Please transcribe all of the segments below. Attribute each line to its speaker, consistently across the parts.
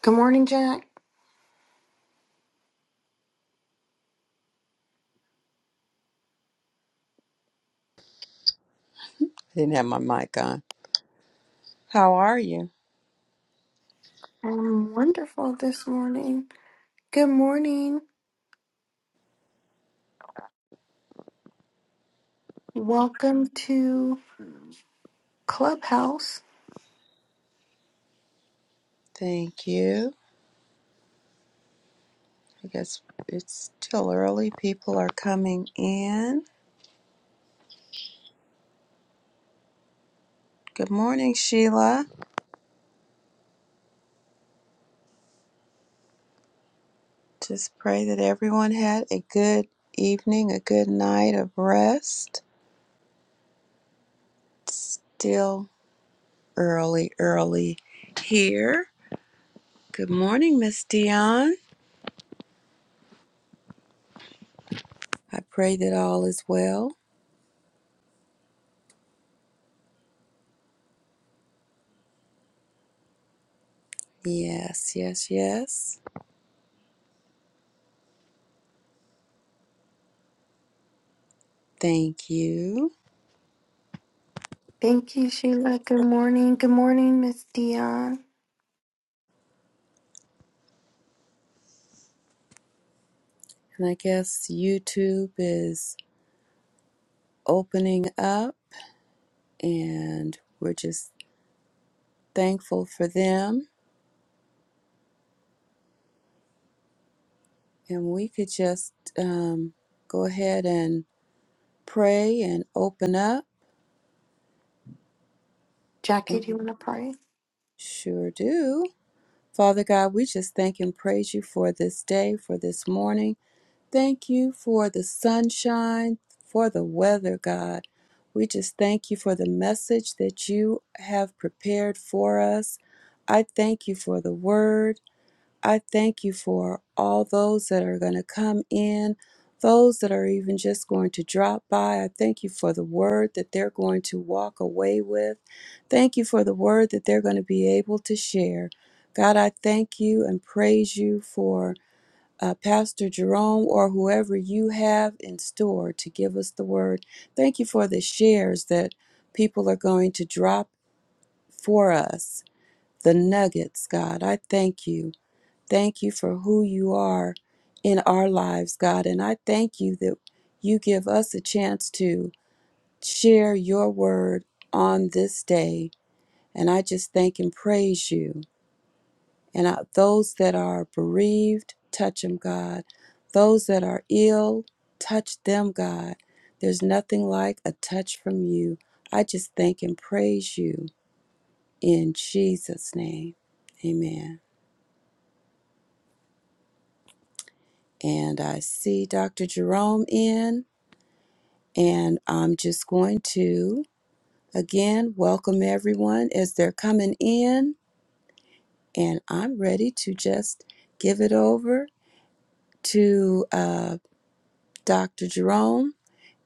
Speaker 1: Good morning, Jack.
Speaker 2: I didn't have my mic on. How are you?
Speaker 1: I'm wonderful this morning. Good morning. Welcome to Clubhouse.
Speaker 2: Thank you. I guess it's still early. People are coming in. Good morning, Sheila. Just pray that everyone had a good evening, a good night of rest. It's still early, early here. Good morning, Miss Dion. I pray that all is well. Yes, yes, yes. Thank you.
Speaker 1: Thank you, Sheila. Good morning. Good morning, Miss Dion.
Speaker 2: And I guess YouTube is opening up. and we're just thankful for them. And we could just um, go ahead and pray and open up.
Speaker 1: Jackie,
Speaker 2: And
Speaker 1: do you
Speaker 2: we
Speaker 1: want to pray?
Speaker 2: sure do. Father God, we just thank and praise you for this day, for this morning. Thank you for the sunshine, for the weather, God. We just thank you for the message that you have prepared for us. I thank you for the word. I thank you for all those that are going to come in, those that are even just going to drop by. I thank you for the word that they're going to walk away with. Thank you for the word that they're going to be able to share. God, I thank you and praise you for uh, Pastor Jerome or whoever you have in store to give us the word. Thank you for the shares that people are going to drop for us, the nuggets, God. I thank you. Thank you for who you are in our lives, God. And I thank you that you give us a chance to share your word on this day. And I just thank and praise you. And I, those that are bereaved, touch them, God. Those that are ill, touch them, God. There's nothing like a touch from you. I just thank and praise you in Jesus' name. Amen. And I see Dr. Jerome in. And I'm just going to again welcome everyone as they're coming in. And I'm ready to just give it over to uh, Dr. Jerome.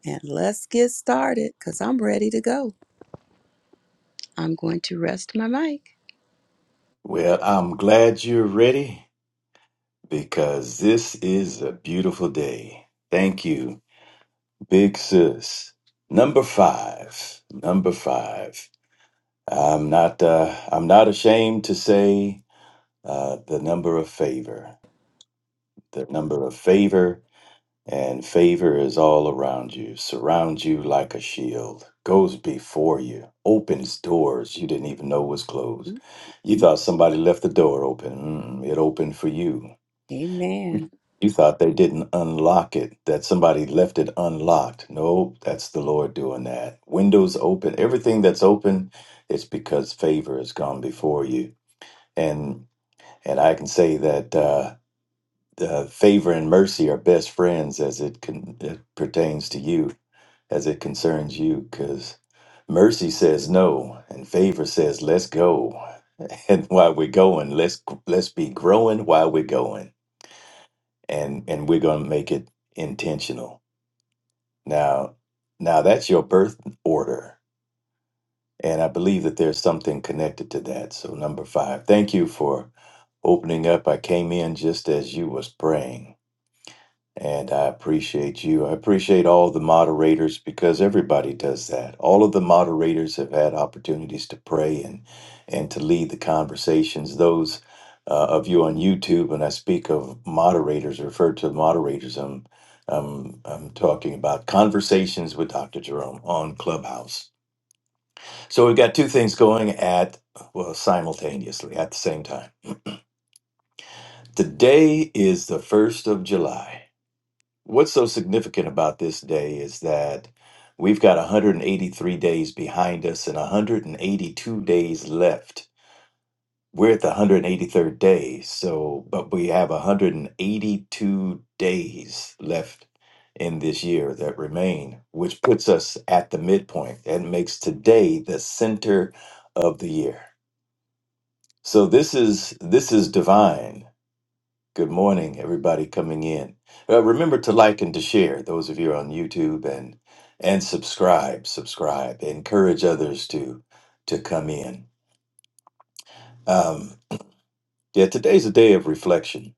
Speaker 2: And let's get started because I'm ready to go. I'm going to rest my mic.
Speaker 3: Well, I'm glad you're ready because this is a beautiful day. Thank you, big sis. Number five. Number five. I'm not. Uh, I'm not ashamed to say uh, the number of favor. The number of favor and favor is all around you. surrounds you like a shield. Goes before you. Opens doors you didn't even know was closed. You thought somebody left the door open. Mm, it opened for you You
Speaker 2: Amen.
Speaker 3: you thought they didn't unlock it, that somebody left it unlocked. No, that's the Lord doing that. Windows open, everything that's open, it's because favor has gone before you. And and I can say that uh, uh, favor and mercy are best friends as it, con- it pertains to you, as it concerns you, because mercy says no, and favor says let's go. And while we're going, let's let's be growing while we're going and and we're going to make it intentional now now that's your birth order and i believe that there's something connected to that so number five thank you for opening up i came in just as you was praying and I appreciate you. I appreciate all the moderators because everybody does that. All of the moderators have had opportunities to pray and and to lead the conversations. Those uh, of you on YouTube, when I speak of moderators, refer to moderators. I'm I'm, I'm talking about conversations with Dr. Jerome on Clubhouse. So we've got two things going at well simultaneously at the same time. Today is the first of July. What's so significant about this day is that we've got 183 days behind us and 182 days left. We're at the 183rd day, so but we have 182 days left in this year that remain, which puts us at the midpoint and makes today the center of the year. So this is this is divine Good morning, everybody coming in. Uh, remember to like and to share, those of you on YouTube, and and subscribe, subscribe. Encourage others to to come in. Um, yeah, today's a day of reflection.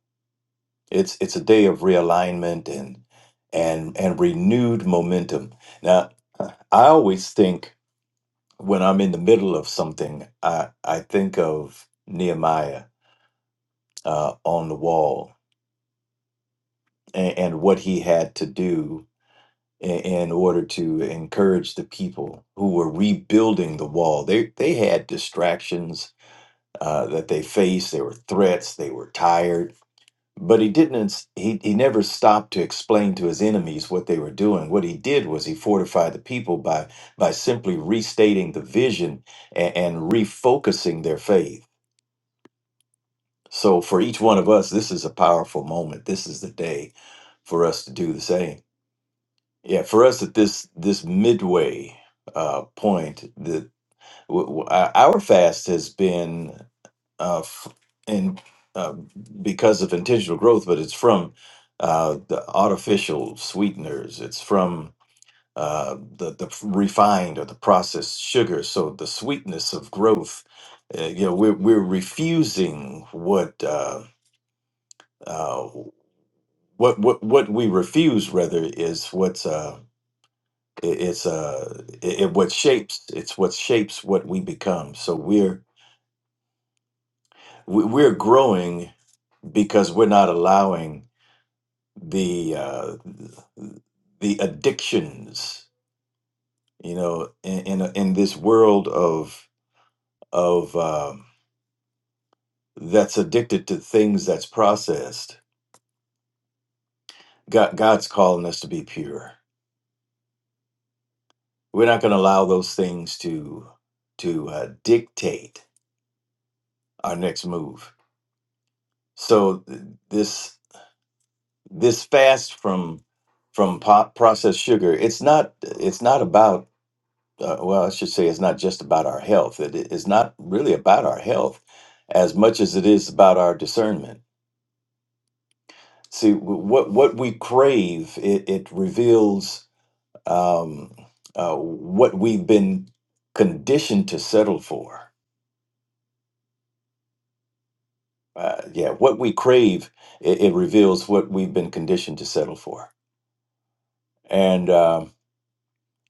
Speaker 3: It's it's a day of realignment and and and renewed momentum. Now, I always think when I'm in the middle of something, I I think of Nehemiah uh, on the wall and, and what he had to do in, in order to encourage the people who were rebuilding the wall. They they had distractions uh, that they faced. There were threats. They were tired. But he didn't. ins- He he never stopped to explain to his enemies what they were doing. What he did was he fortified the people by by simply restating the vision and, and refocusing their faith. So for each one of us, this is a powerful moment. This is the day for us to do the same. Yeah, for us at this this midway uh, point, the w- w- our our fast has been uh, f- in uh, because of intentional growth, but it's from uh, the artificial sweeteners. It's from uh, the the refined or the processed sugar. So the sweetness of growth, uh, you know, we're we're refusing what uh, uh, what what what we refuse rather is what's. Uh, it, it's uh it, it what shapes it's what shapes what we become so we're we- we're growing because we're not allowing the uh the addictions you know in in, a- in this world of of um that's addicted to things that's processed god god's calling us to be pure we're not going to allow those things to to uh, dictate our next move so th- this this fast from from po- processed sugar it's not it's not about uh, well i should say it's not just about our health it is not really about our health as much as it is about our discernment see w- what what we crave it, it reveals um, uh, what we've been conditioned to settle for uh, yeah what we crave it, it reveals what we've been conditioned to settle for and. um,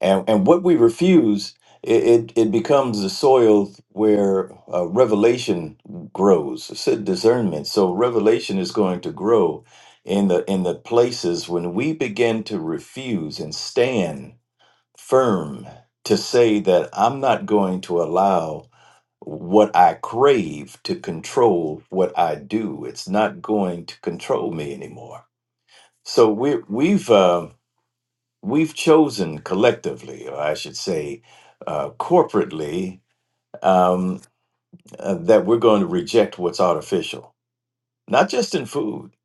Speaker 3: and and what we refuse it it, it becomes the soil where uh, revelation grows it said discernment so revelation is going to grow in the in the places when we begin to refuse and stand firm to say that i'm not going to allow what i crave to control what i do it's not going to control me anymore so we we've Uh, we've chosen collectively, or I should say, uh, corporately, um, uh, that we're going to reject what's artificial, not just in food,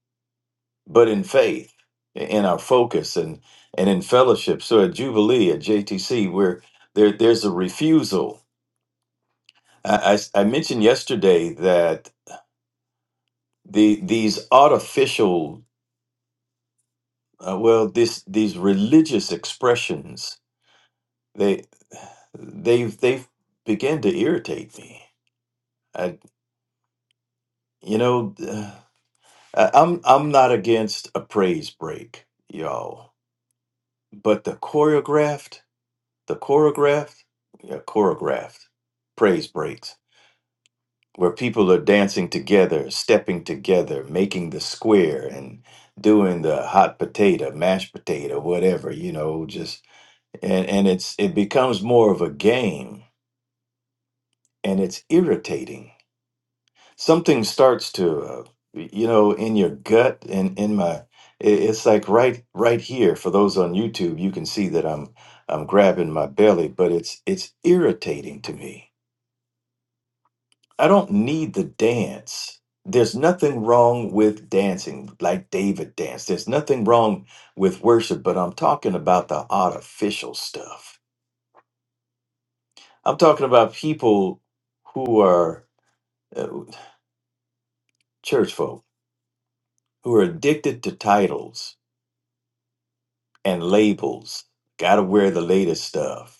Speaker 3: but in faith, i- in our focus, and and in fellowship. So at Jubilee, at JTC, where there there's a refusal. I, I s- I mentioned yesterday that the these artificial, uh, well, this these religious expressions, they they've they've began to irritate me. You know, uh, I'm I'm not against a praise break, y'all, but the choreographed, the choreographed, yeah, choreographed praise breaks where people are dancing together, stepping together, making the square and doing the hot potato, mashed potato, whatever, you know, just and and it's it becomes more of a game and it's irritating something starts to uh, you know in your gut and in my i- it's like right right here for those on youtube you can see that i'm i'm grabbing my belly but it's it's irritating to me i don't need the dance there's nothing wrong with dancing like david danced there's nothing wrong with worship but i'm talking about the artificial stuff i'm talking about people who are uh, church folk who are addicted to titles and labels. Got to wear the latest stuff.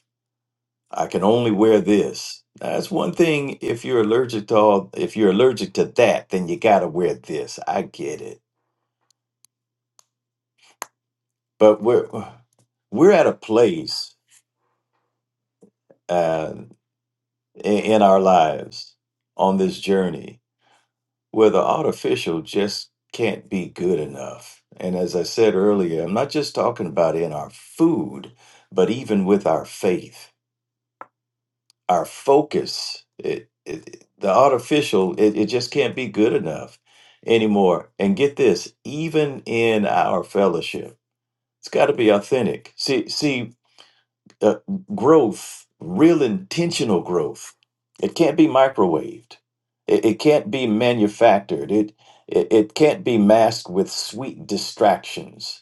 Speaker 3: I can only wear this. That's one thing. If you're allergic to all, if you're allergic to that, then you got to wear this. I get it. But we're we're at a place uh, in, in our lives on this journey where the artificial just can't be good enough. And as I said earlier, I'm not just talking about in our food, but even with our faith our focus it, it the artificial it, it just can't be good enough anymore and get this even in our fellowship it's got to be authentic see see uh, growth real intentional growth it can't be microwaved it, it can't be manufactured it, it it can't be masked with sweet distractions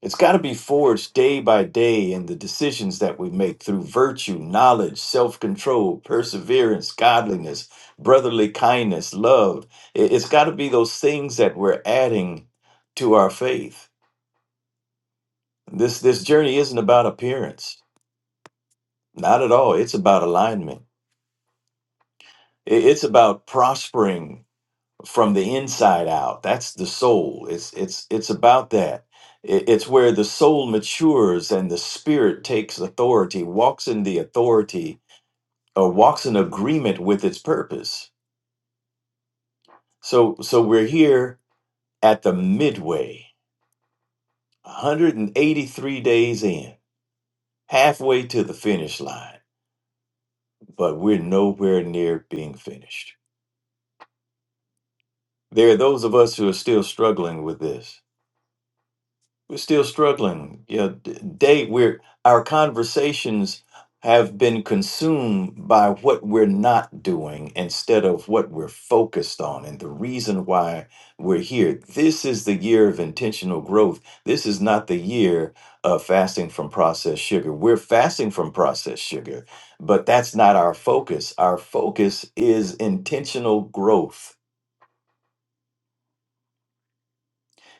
Speaker 3: it's got to be forged day by day in the decisions that we make through virtue, knowledge, self control, perseverance, godliness, brotherly kindness, love. I- It's got to be those things that we're adding to our faith. This, this journey isn't about appearance, not at all. It's about alignment, I- it's about prospering from the inside out. That's the soul. It's it's it's about that. It- It's where the soul matures and the spirit takes authority, walks in the authority, or walks in agreement with its purpose. So so we're here at the midway, 183 days in, halfway to the finish line, but we're nowhere near being finished. There are those of us who are still struggling with this We're still struggling. Yeah, d- day we're our conversations have been consumed by what we're not doing instead of what we're focused on and the reason why we're here. This is the year of intentional growth. This is not the year of fasting from processed sugar. We're fasting from processed sugar, but that's not our focus. Our focus is intentional growth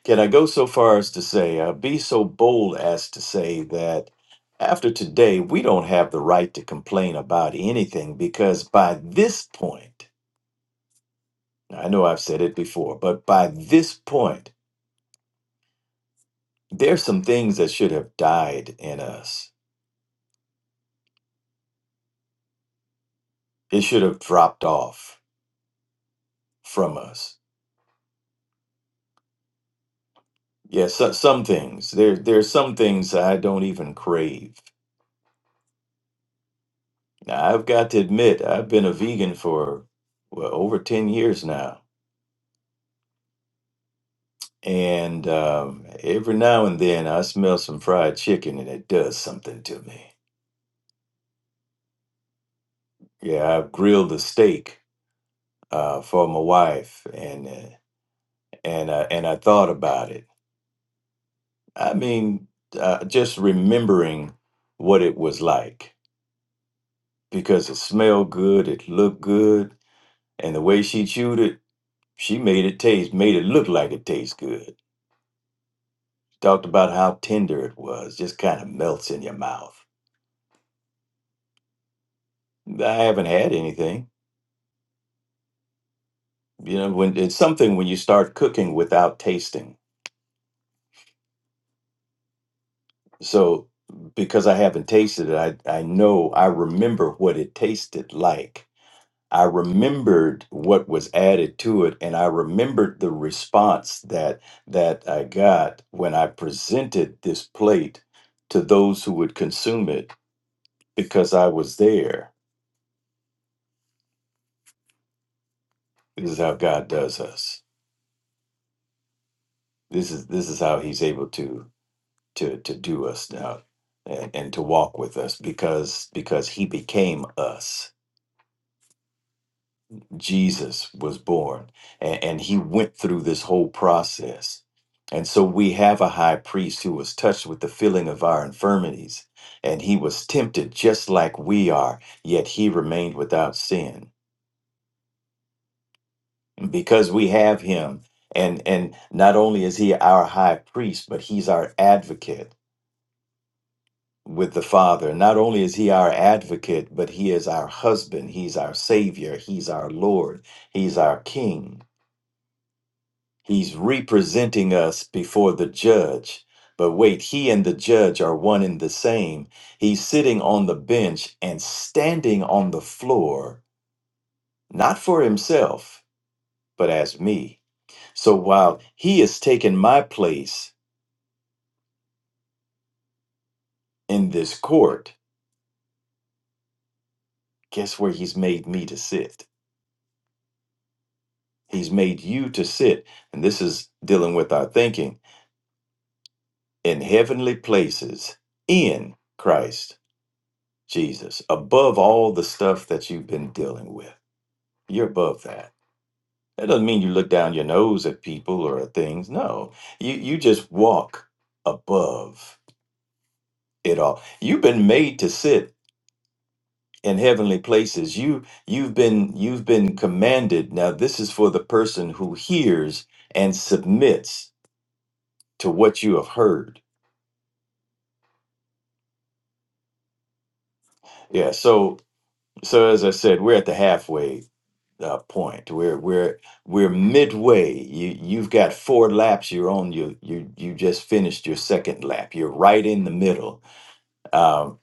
Speaker 3: Can I go so far as to say, uh, be so bold as to say that after today, we don't have the right to complain about anything because by this point, I know I've said it before, but by this point, there's some things that should have died in us. It should have dropped off from us. Yes, so, some things. There, there's some things I don't even crave. Now, I've got to admit, I've been a vegan for well, over 10 years now And um, every now and then I smell some fried chicken and it does something to me. Yeah, I've grilled a steak uh, for my wife and uh, and uh, and I thought about it. I mean, uh, just remembering what it was like because it smelled good, it looked good, and the way she chewed it, she made it taste, made it look like it tastes good. Talked about how tender it was, just kind of melts in your mouth. I haven't had anything You know, when it's something when you start cooking without tasting. So because I haven't tasted it, I, I know I remember what it tasted like. I remembered what was added to it, and I remembered the response that that I got when I presented this plate to those who would consume it because I was there. This is how God does us. This is this is how He's able to to to do us uh, and, and to walk with us because because he became us jesus was born and, and he went through this whole process and so we have a high priest who was touched with the feeling of our infirmities and he was tempted just like we are yet he remained without sin because we have him and and not only is he our high priest but he's our advocate with the Father. Not only is he our advocate, but he is our husband, he's our savior, he's our Lord, he's our king. He's representing us before the judge. But wait, he and the judge are one and the same. He's sitting on the bench and standing on the floor, not for himself, but as me. So while he has taken my place in this court, guess where he's made me to sit? He's made you to sit, and this is dealing with our thinking, in heavenly places in Christ Jesus, above all the stuff that you've been dealing with. You're above that. That doesn't mean you look down your nose at people or at things. No, you, you just walk above it all. You've been made to sit in heavenly places. You you've been you've been commanded. Now this is for the person who hears and submits to what you have heard Yeah, so so as I said, we're at the halfway uh, point. We're we're we're midway. You you've got four laps. You're on your you you just finished your second lap. You're right in the middle. Um,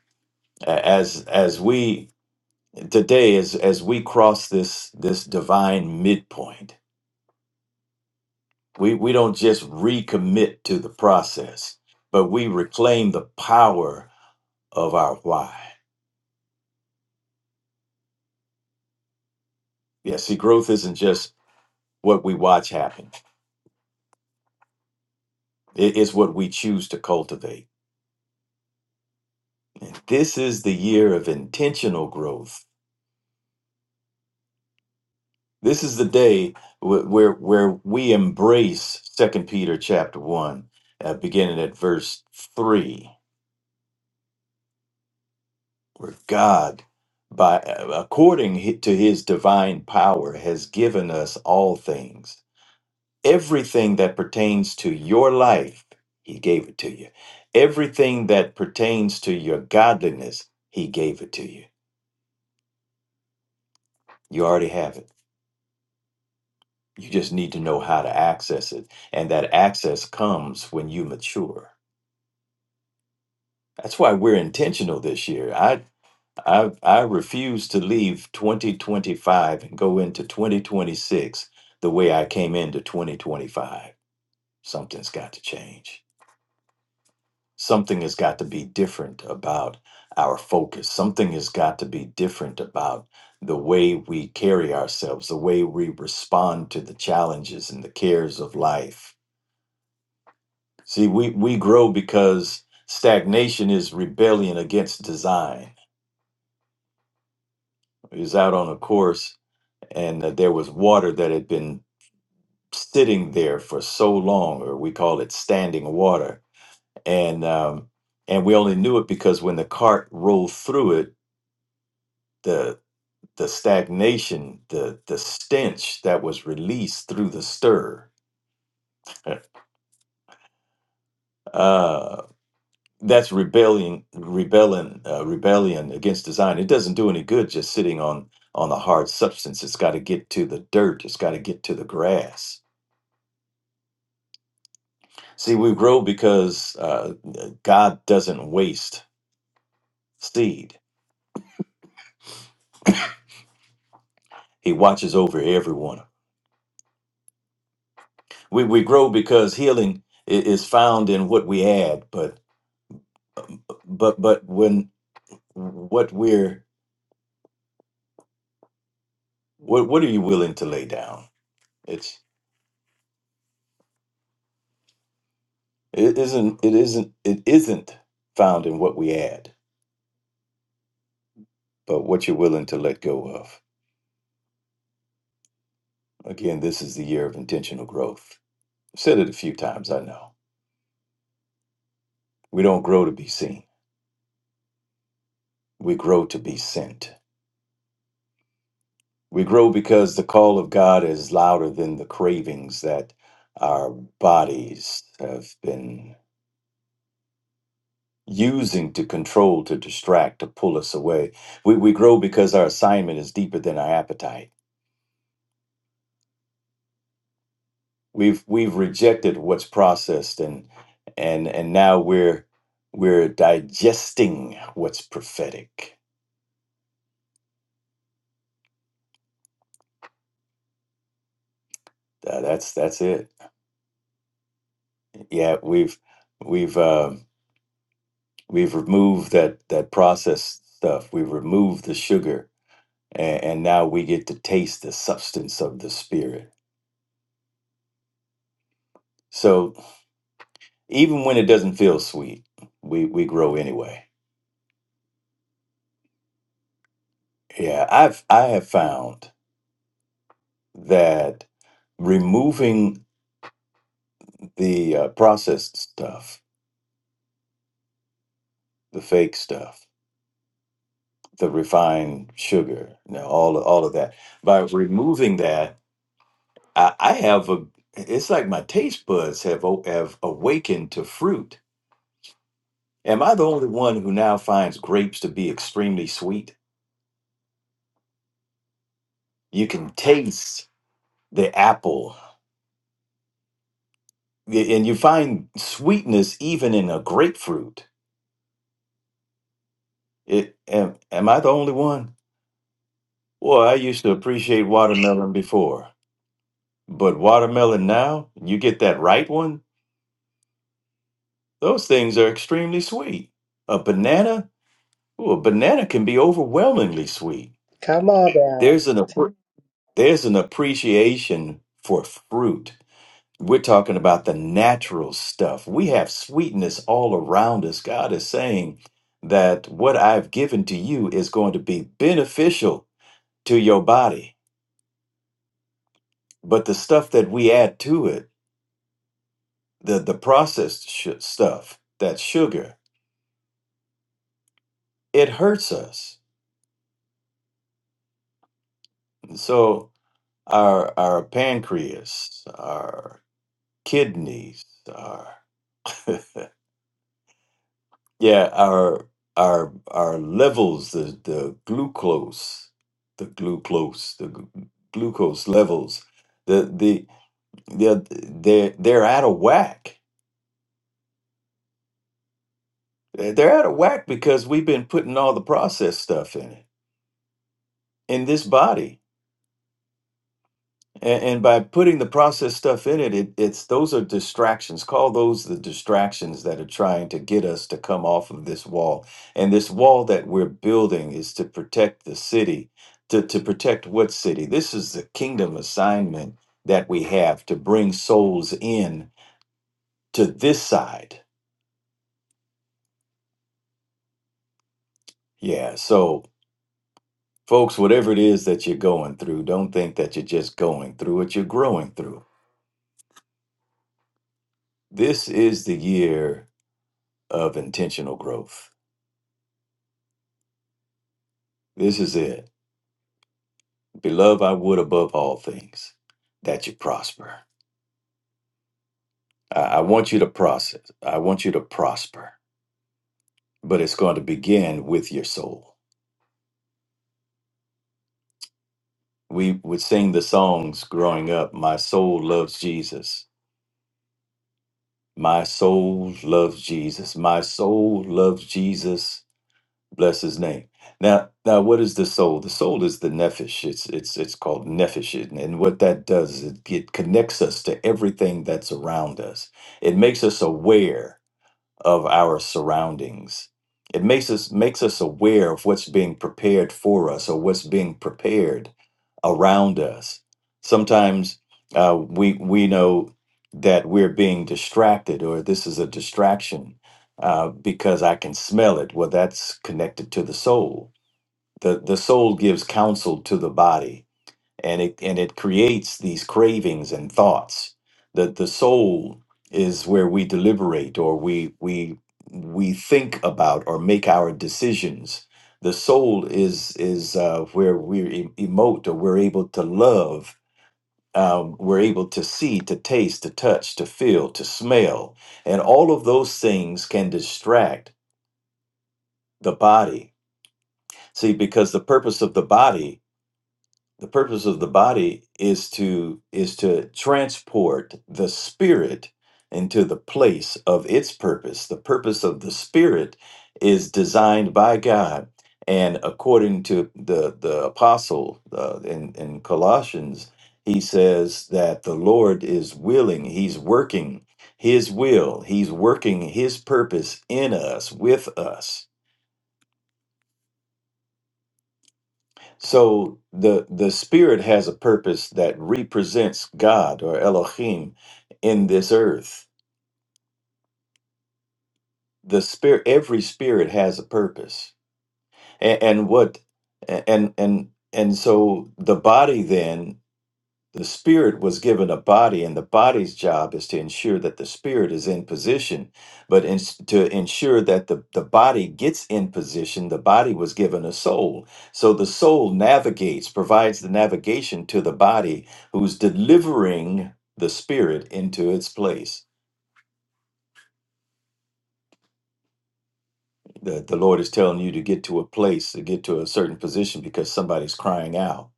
Speaker 3: a- as as we today as as we cross this this divine midpoint, we we don't just recommit to the process, but we reclaim the power of our why. Yeah, see, growth isn't just what we watch happen It is what we choose to cultivate. And this is the year of intentional growth. This is the day wh- where where we embrace Second Peter chapter one, uh, beginning at verse three, where God, by uh, according hi- to His divine power, has given us all things, everything that pertains to your life. He gave it to you. Everything that pertains to your godliness, He gave it to you. You already have it. You just need to know how to access it. And that access comes when you mature. That's why we're intentional this year. I I I refuse to leave 2025 and go into 2026 the way I came into 2025. Something's got to change. Something has got to be different about our focus. Something has got to be different about the way we carry ourselves, the way we respond to the challenges and the cares of life See, we, we grow because stagnation is rebellion against design. It was out on a course, and uh, there was water that had been sitting there for so long, or we call it standing water. And um, and we only knew it because when the cart rolled through it, the the stagnation, the the stench that was released through the stir. that's rebellion rebellion uh, rebellion against design it doesn't do any good just sitting on on the hard substance it's got to get to the dirt it's got to get to the grass see we grow because uh, god doesn't waste seed he watches over everyone we, we grow because healing i- is found in what we add but but but when what we're what what are you willing to lay down it's it isn't it isn't it isn't found in what we add but what you're willing to let go of. Again, this is the year of intentional growth. I've said it a few times, I know. We don't grow to be seen, we grow to be sent. We grow because the call of God is louder than the cravings that our bodies have been using to control, to distract, to pull us away. We, we grow because our assignment is deeper than our appetite. we've we've rejected what's processed and and and now we're we're digesting what's prophetic Uh, that's that's it yeah we've we've um we've removed that that processed stuff we've removed the sugar and, and now we get to taste the substance of the spirit so even when it doesn't feel sweet we we grow anyway yeah i've i have found that removing the uh, processed stuff, the fake stuff, the refined sugar, you know, all of, all of that. By removing that, I, I have a. It's like my taste buds have o- have awakened to fruit. Am I the only one who now finds grapes to be extremely sweet? You can taste the apple, y- and you find sweetness even in a grapefruit. It, am, am I the only one? Well, I used to appreciate watermelon before. But watermelon now, you get that ripe one, those things are extremely sweet. A banana, ooh, a banana can be overwhelmingly sweet.
Speaker 4: Come on down.
Speaker 3: There's an appre- there's an appreciation for fruit. We're talking about the natural stuff. We have sweetness all around us. God is saying that what I've given to you is going to be beneficial to your body. But the stuff that we add to it, the the processed sh- stuff, that sugar, it hurts us. And so our our pancreas, our kidneys, our yeah, our our our levels, the the glucose, the glucose, the glu- glucose levels, the the the they're they're out of whack. They're they're out of whack because we've been putting all the processed stuff in it in this body And, and by putting the processed stuff in it, it, it's those are distractions. Call those the distractions that are trying to get us to come off of this wall. And this wall that we're building is to protect the city, to, to protect what city? This is the kingdom assignment that we have to bring souls in to this side. Yeah. So, folks, whatever it is that you're going through, don't think that you're just going through it, you're growing through. This is the year of intentional growth This is it. Beloved, I would above all things that you prosper. I, I want you to process. I want you to prosper, but it's going to begin with your soul. We would sing the songs growing up My soul loves Jesus. My soul loves Jesus. My soul loves Jesus. Bless his name. Now, now, what is the soul? The soul is the nefesh. It's it's it's called nefesh, and and what that does is it, it connects us to everything that's around us. It makes us aware of our surroundings. It makes us makes us aware of what's being prepared for us or what's being prepared around us. Sometimes uh, we we know that we're being distracted or this is a distraction uh, because I can smell it. Well, that's connected to the soul. The the soul gives counsel to the body and it and it creates these cravings and thoughts that the soul is where we deliberate or we we we think about or make our decisions the soul is is uh, where we em- emote or we're able to love um, we're able to see to taste to touch to feel to smell and all of those things can distract the body see because the purpose of the body the purpose of the body is to is to transport the spirit into the place of its purpose the purpose of the spirit is designed by god and according to the the apostle uh, in in colossians he says that the lord is willing he's working his will he's working his purpose in us with us So the the spirit has a purpose that represents God or Elohim in this earth. The spirit, every spirit has a purpose, and, and what, and and and so the body then. The spirit was given a body, and the body's job is to ensure that the spirit is in position. But in, to ensure that the, the body gets in position, the body was given a soul. So the soul navigates, provides the navigation to the body who's delivering the spirit into its place. The, the Lord is telling you to get to a place, to get to a certain position because somebody's crying out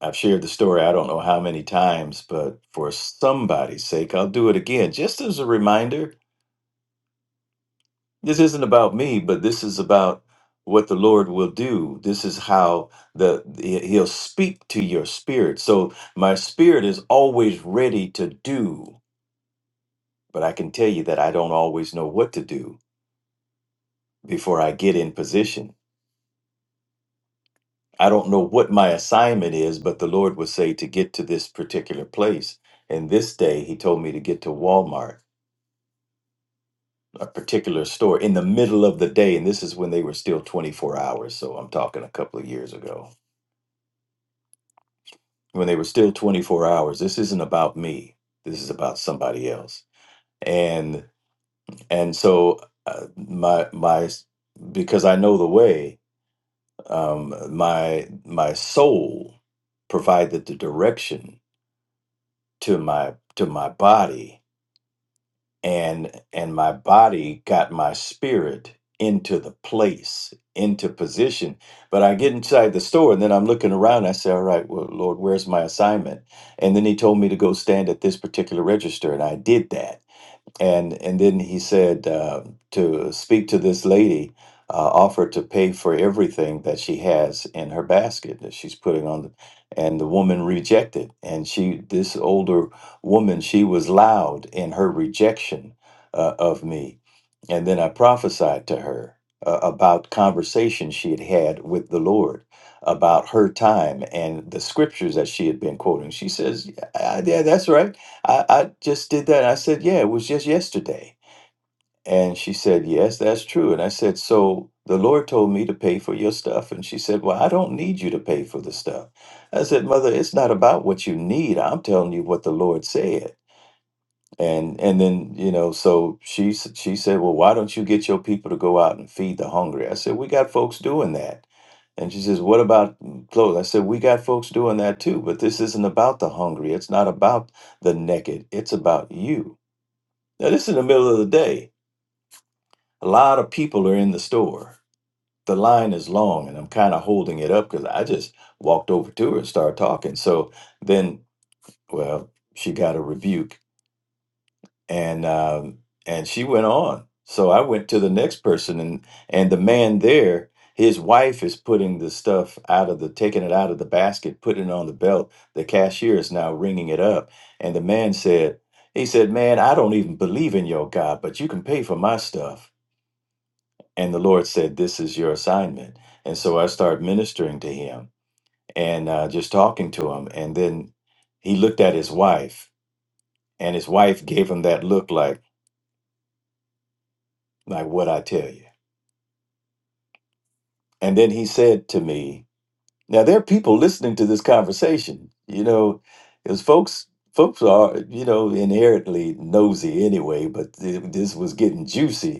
Speaker 3: I've shared the story I don't know how many times, but for somebody's sake, I'll do it again. Just as a reminder, this isn't about me, but this is about what the Lord will do. This is how the he- he'll speak to your spirit. So my spirit is always ready to do, but I can tell you that I don't always know what to do before I get in position. I don't know what my assignment is, but the Lord will say to get to this particular place. And this day he told me to get to Walmart. a particular store in the middle of the day, and this is when they were still 24 hours. So I'm talking a couple of years ago when they were still 24 hours. This isn't about me. This is about somebody else. And and so uh, my my because I know the way. Um, my my soul provided the direction to my to my body and and my body got my spirit into the place into position but i get inside the store and then i'm looking around i say all right well lord where's my assignment and then he told me to go stand at this particular register and i did that and and then he said uh, to speak to this lady uh, offered to pay for everything that she has in her basket that she's putting on the, and the woman rejected and she this older woman she was loud in her rejection uh, of me and then i prophesied to her uh, about conversations she had had with the lord about her time and the scriptures that she had been quoting she says yeah, yeah that's right I, I just did that. I said, Yeah, it was just yesterday. And she said, Yes, that's true. And I said, So the Lord told me to pay for your stuff. And she said, Well, I don't need you to pay for the stuff. I said, Mother, it's not about what you need. I'm telling you what the Lord said. And and then, you know, so she s- she said, Well, why don't you get your people to go out and feed the hungry? I said, We got folks doing that. And she says, What about clothes? I said, We got folks doing that too, but this isn't about the hungry. It's not about the naked. It's about you. Now, this is the middle of the day. A lot of people are in the store. The line is long, and I'm kind of holding it up because I just walked over to her and started talking. So then, well, she got a rebuke, and um, and she went on. So I went to the next person, and and the man there, his wife is putting the stuff out of the, taking it out of the basket, putting it on the belt. The cashier is now ringing it up, and the man said, he said, man, I don't even believe in your God, but you can pay for my stuff. and the Lord said, "This is your assignment." And so I started ministering to him and uh, just talking to him, and then he looked at his wife, and his wife gave him that look like, "Like what I tell you." And then he said to me, "Now there are people listening to this conversation, you know, because folks." Folks are, you know, inherently nosy anyway, but th- this was getting juicy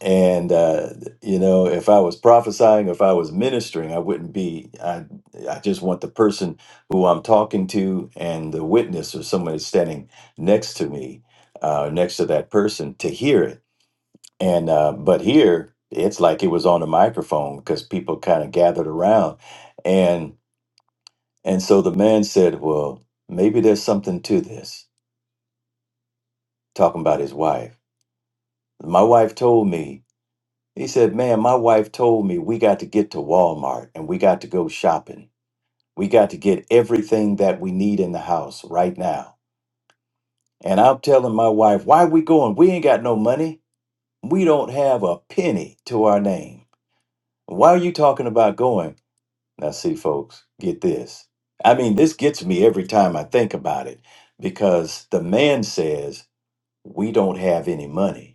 Speaker 3: and uh, you know if i was prophesying if i was ministering i wouldn't be i i just want the person who i'm talking to and the witness or someone that's standing next to me uh, next to that person to hear it and uh, but here it's like it was on a microphone because people kind of gathered around and and so the man said well maybe there's something to this talking about his wife my wife told me He said, Man, my wife told me we got to get to Walmart and we got to go shopping. We got to get everything that we need in the house right now. And I'm telling my wife, Why we going? We ain't got no money. We don't have a penny to our name. Why are you talking about going? Now, see, folks, get this. I mean, this gets me every time I think about it because the man says, We don't have any money.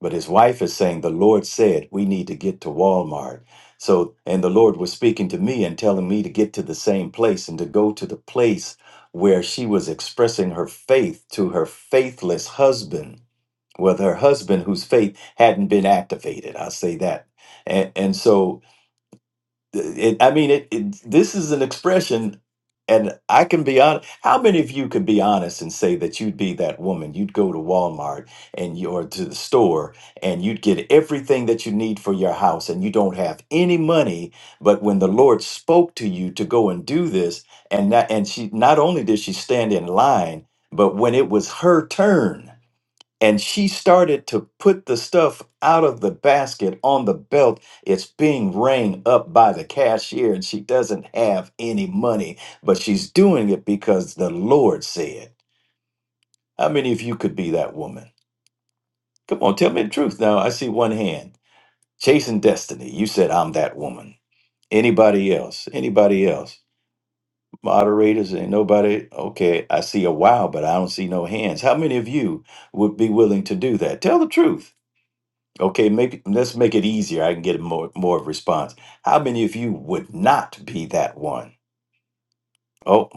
Speaker 3: But his wife is saying, The Lord said, we need to get to Walmart. So, and the Lord was speaking to me and telling me to get to the same place and to go to the place where she was expressing her faith to her faithless husband, with her husband whose faith hadn't been activated. I'll say that. And, and so it, I mean, it, it. This is an expression, and I can be honest. How many of you could be honest and say that you'd be that woman? You'd go to Walmart and you, or to the store, and you'd get everything that you need for your house, and you don't have any money. But when the Lord spoke to you to go and do this, and that, and she not only did she stand in line, but when it was her turn and she started to put the stuff out of the basket on the belt. It's being rang up by the cashier, and she doesn't have any money, but she's doing it because the Lord said. How many of you could be that woman? Come on, tell me the truth now. I see one hand. Chasing Destiny, you said, I'm that woman. Anybody else? Anybody else? Moderators, ain't nobody. Okay, I see a wow, but I don't see no hands. How many of you would be willing to do that? Tell the truth. Okay, make it- let's make it easier. I can get more more of a response. How many of you would not be that one? Oh,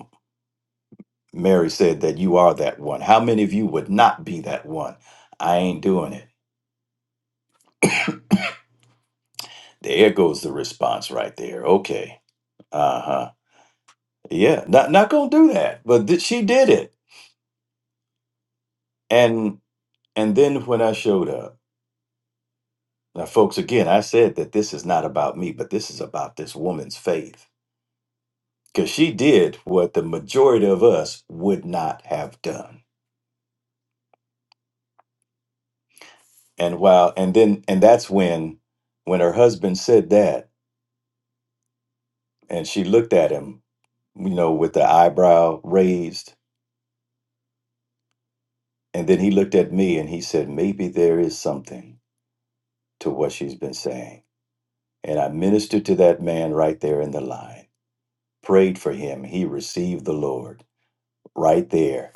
Speaker 3: Mary said that you are that one. How many of you would not be that one? I ain't doing it. There goes the response right there. Okay. Uh-huh. Yeah, not not gonna do that. But th- she did it. And and then when I showed up, now folks, again, I said that this is not about me, but this is about this woman's faith. Because she did what the majority of us would not have done. And wow, and then and that's when when her husband said that and she looked at him, you know, with the eyebrow raised, and then he looked at me and he said, Maybe there is something to what she's been saying. And I ministered to that man right there in the line, prayed for him. He received the Lord right there,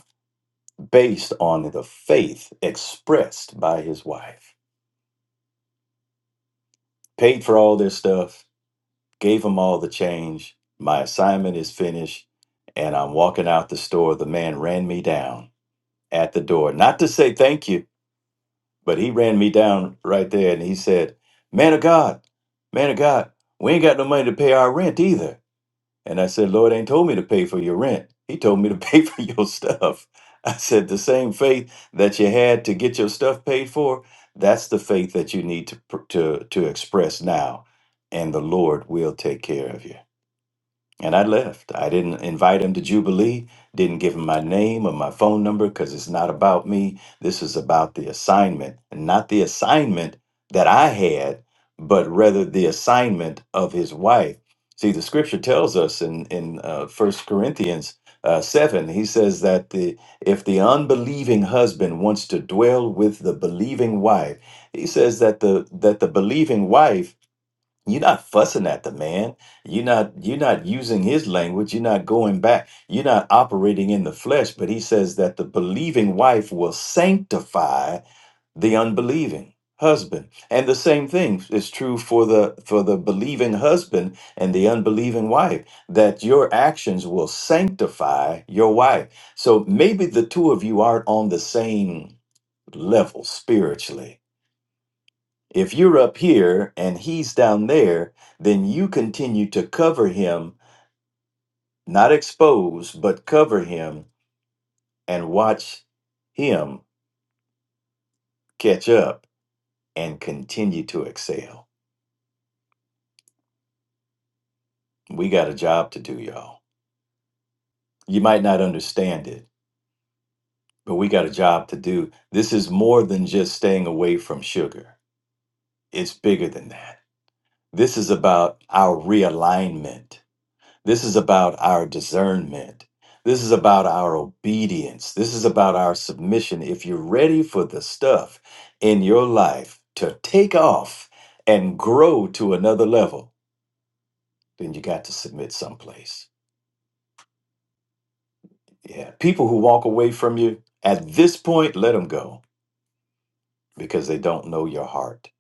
Speaker 3: based on the faith expressed by his wife. Paid for all this stuff, Gave him all the change. My assignment is finished. And I'm walking out the store. The man ran me down at the door, not to say thank you, but he ran me down right there. And he said, Man of God, man of God, we ain't got no money to pay our rent either. And I said, Lord ain't told me to pay for your rent. He told me to pay for your stuff. I said, The same faith that you had to get your stuff paid for, that's the faith that you need to, pr- to, to express now. And the Lord will take care of you. And I left. I didn't invite him to Jubilee, didn't give him my name or my phone number because it's not about me. This is about the assignment, and not the assignment that I had, but rather the assignment of his wife. See, the scripture tells us in, in uh, 1 Corinthians uh, 7, he says that the, if the unbelieving husband wants to dwell with the believing wife, he says that the, that the believing wife you're not fussing at the man. You're not you're not using his language. You're not going back. You're not operating in the flesh. But he says that the believing wife will sanctify the unbelieving husband. And the same thing is true for the for the believing husband and the unbelieving wife, that your actions will sanctify your wife. So maybe the two of you aren't on the same level spiritually if you're up here and he's down there, then you continue to cover him, not expose, but cover him and watch him catch up and continue to excel. We got a job to do, y'all. You might not understand it, but we got a job to do. This is more than just staying away from sugar, it's bigger than that. This is about our realignment This is about our discernment. This is about our obedience. This is about our submission. If you're ready for the stuff in your life to take off and grow to another level, then you got to submit someplace. Yeah. People who walk away from you at this point, let them go because they don't know your heart.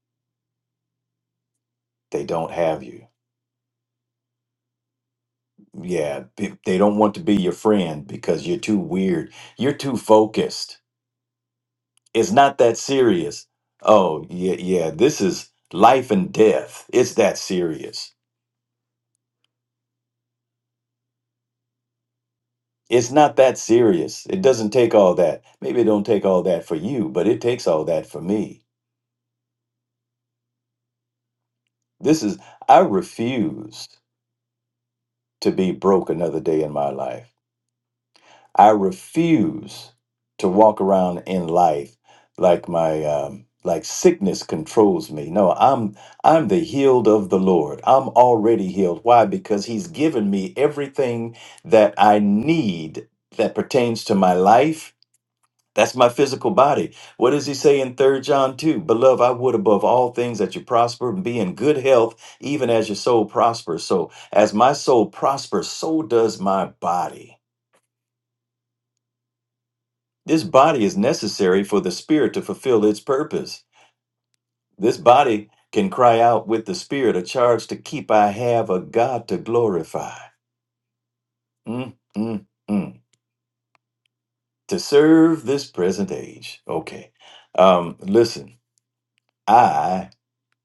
Speaker 3: They don't have you. Yeah. They they don't want to be your friend because you're too weird. You're too focused. It's not that serious. Oh, yeah, yeah, this is life and death. It's that serious. It's not that serious. It doesn't take all that. Maybe it don't take all that for you, but it takes all that for me. This is I refuse to be broke another day in my life. I refuse to walk around in life like my um, like sickness controls me. No, I'm I'm the healed of the Lord. I'm already healed. Why? Because He's given me everything that I need that pertains to my life. That's my physical body. What does he say in Third John 2? Beloved, I would above all things that you prosper and be in good health, even as your soul prospers. So, as my soul prospers, so does my body. This body is necessary for the spirit to fulfill its purpose. This body can cry out with the spirit a charge to keep I have a God to glorify. Mm, mm, mm. To serve this present age. Okay. Um, listen, I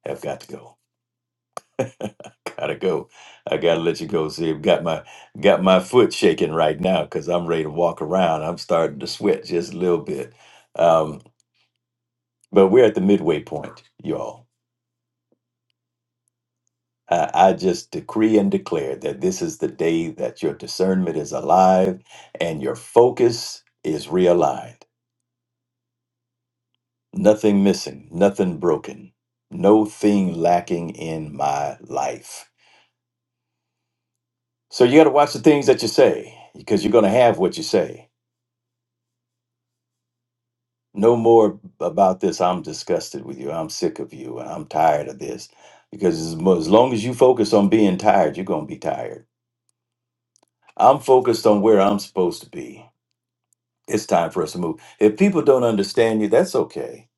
Speaker 3: have got to go. Gotta go. I gotta let you go. See, I've got my got my foot shaking right now because I'm ready to walk around. I'm starting to sweat just a little bit. Um, but we're at the midway point, y'all I I just decree and declare that this is the day that your discernment is alive and your focus is realigned. Nothing missing, nothing broken, no thing lacking in my life. So you got to watch the things that you say because you're going to have what you say. No more about this. I'm disgusted with you. I'm sick of you. And I'm tired of this. Because as mo- as long as you focus on being tired, you're going to be tired. I'm focused on where I'm supposed to be. it's time for us to move. If people don't understand you, that's okay.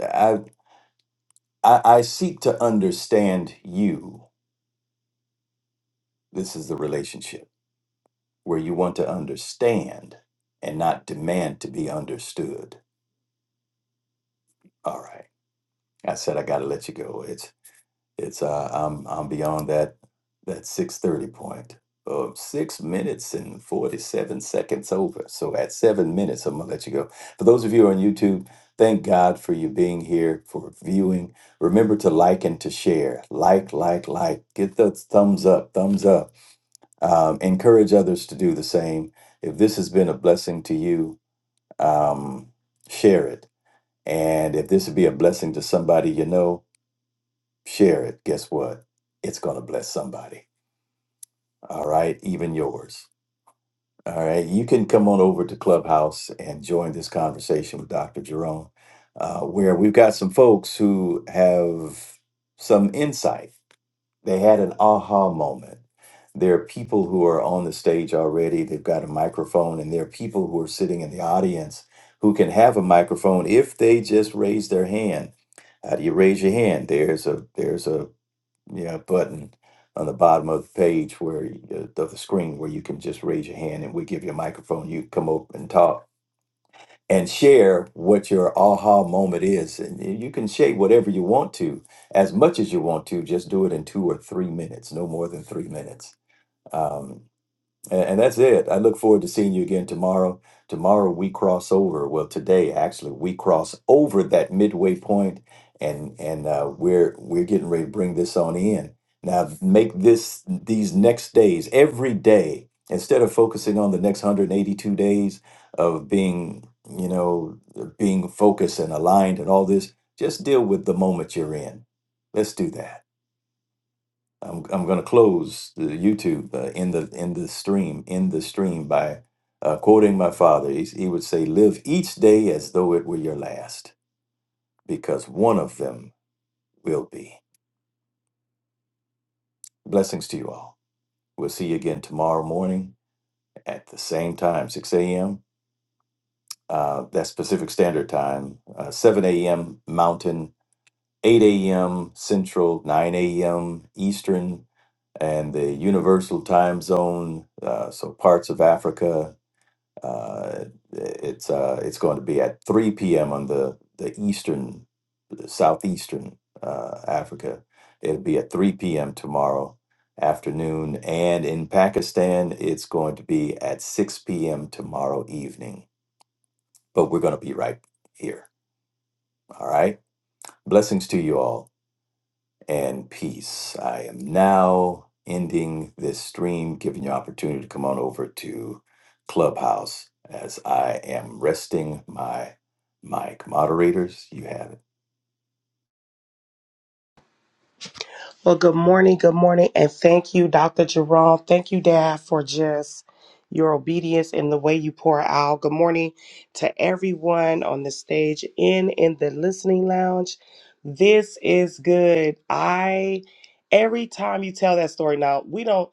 Speaker 3: I I, I seek to understand you. This is the relationship where you want to understand and not demand to be understood. All right. I said I got to let you go. It's. It's uh, I'm I'm beyond that that six thirty point. Uh, six minutes and forty seven seconds over. So at seven minutes, I'm gonna let you go. For those of you on YouTube, thank God for you being here for viewing. Remember to like and to share. Like, like, like. Get the thumbs up, thumbs up. Um, encourage others to do the same. If this has been a blessing to you, um, share it. And if this would be a blessing to somebody you know, share it, guess what? It's going to bless somebody. All right. Even yours. All right. You can come on over to Clubhouse and join this conversation with Dr. Jerome, uh, where we've got some folks who have some insight. They had an aha moment. There are people who are on the stage already, they've got a microphone, and there are people who are sitting in the audience who can have a microphone if they just raise their hand. How do you raise your hand? There's a there's a yeah button on the bottom of the page where you- of the screen where you can just raise your hand and we give you a microphone you come up and talk and share what your aha moment is and y- you can share whatever you want to as much as you want to just do it in two or three minutes no more than three minutes Um, and, and that's it. I look forward to seeing you again tomorrow. Tomorrow we cross over. Well, today actually we cross over that midway point, and and uh, we're we're getting ready to bring this on in. Now make this these next days every day instead of focusing on the next 182 days of being you know being focused and aligned and all this. Just deal with the moment you're in. Let's do that. I'm I'm going to close the YouTube uh, in the in the stream in the stream by uh, quoting my father. He, he would say, "Live each day as though it were your last, because one of them will be." Blessings to you all. We'll see you again tomorrow morning at the same time, 6 a.m. Uh, that's Pacific Standard Time, uh, 7 a.m. Mountain, 8 a.m. Central, 9 a.m. Eastern, and the Universal Time Zone. Uh, so parts of Africa Uh, it's uh, it's going to be at 3 p.m. on the the eastern, southeastern uh, Africa. It'll be at 3 p.m. tomorrow afternoon, and in Pakistan, it's going to be at 6 p.m. tomorrow evening. But we're going to be right here. All right. Blessings to you all and peace. I am now ending this stream, giving you opportunity to come on over to Clubhouse as I am resting my mic. Moderators, you have it.
Speaker 4: Well, good morning, good morning, and thank you, Dr. Jerome. Thank you, Dad, for just your obedience and the way you pour out. Good morning to everyone on the stage and in the listening lounge. This is good. I every time you tell that story now, we don't.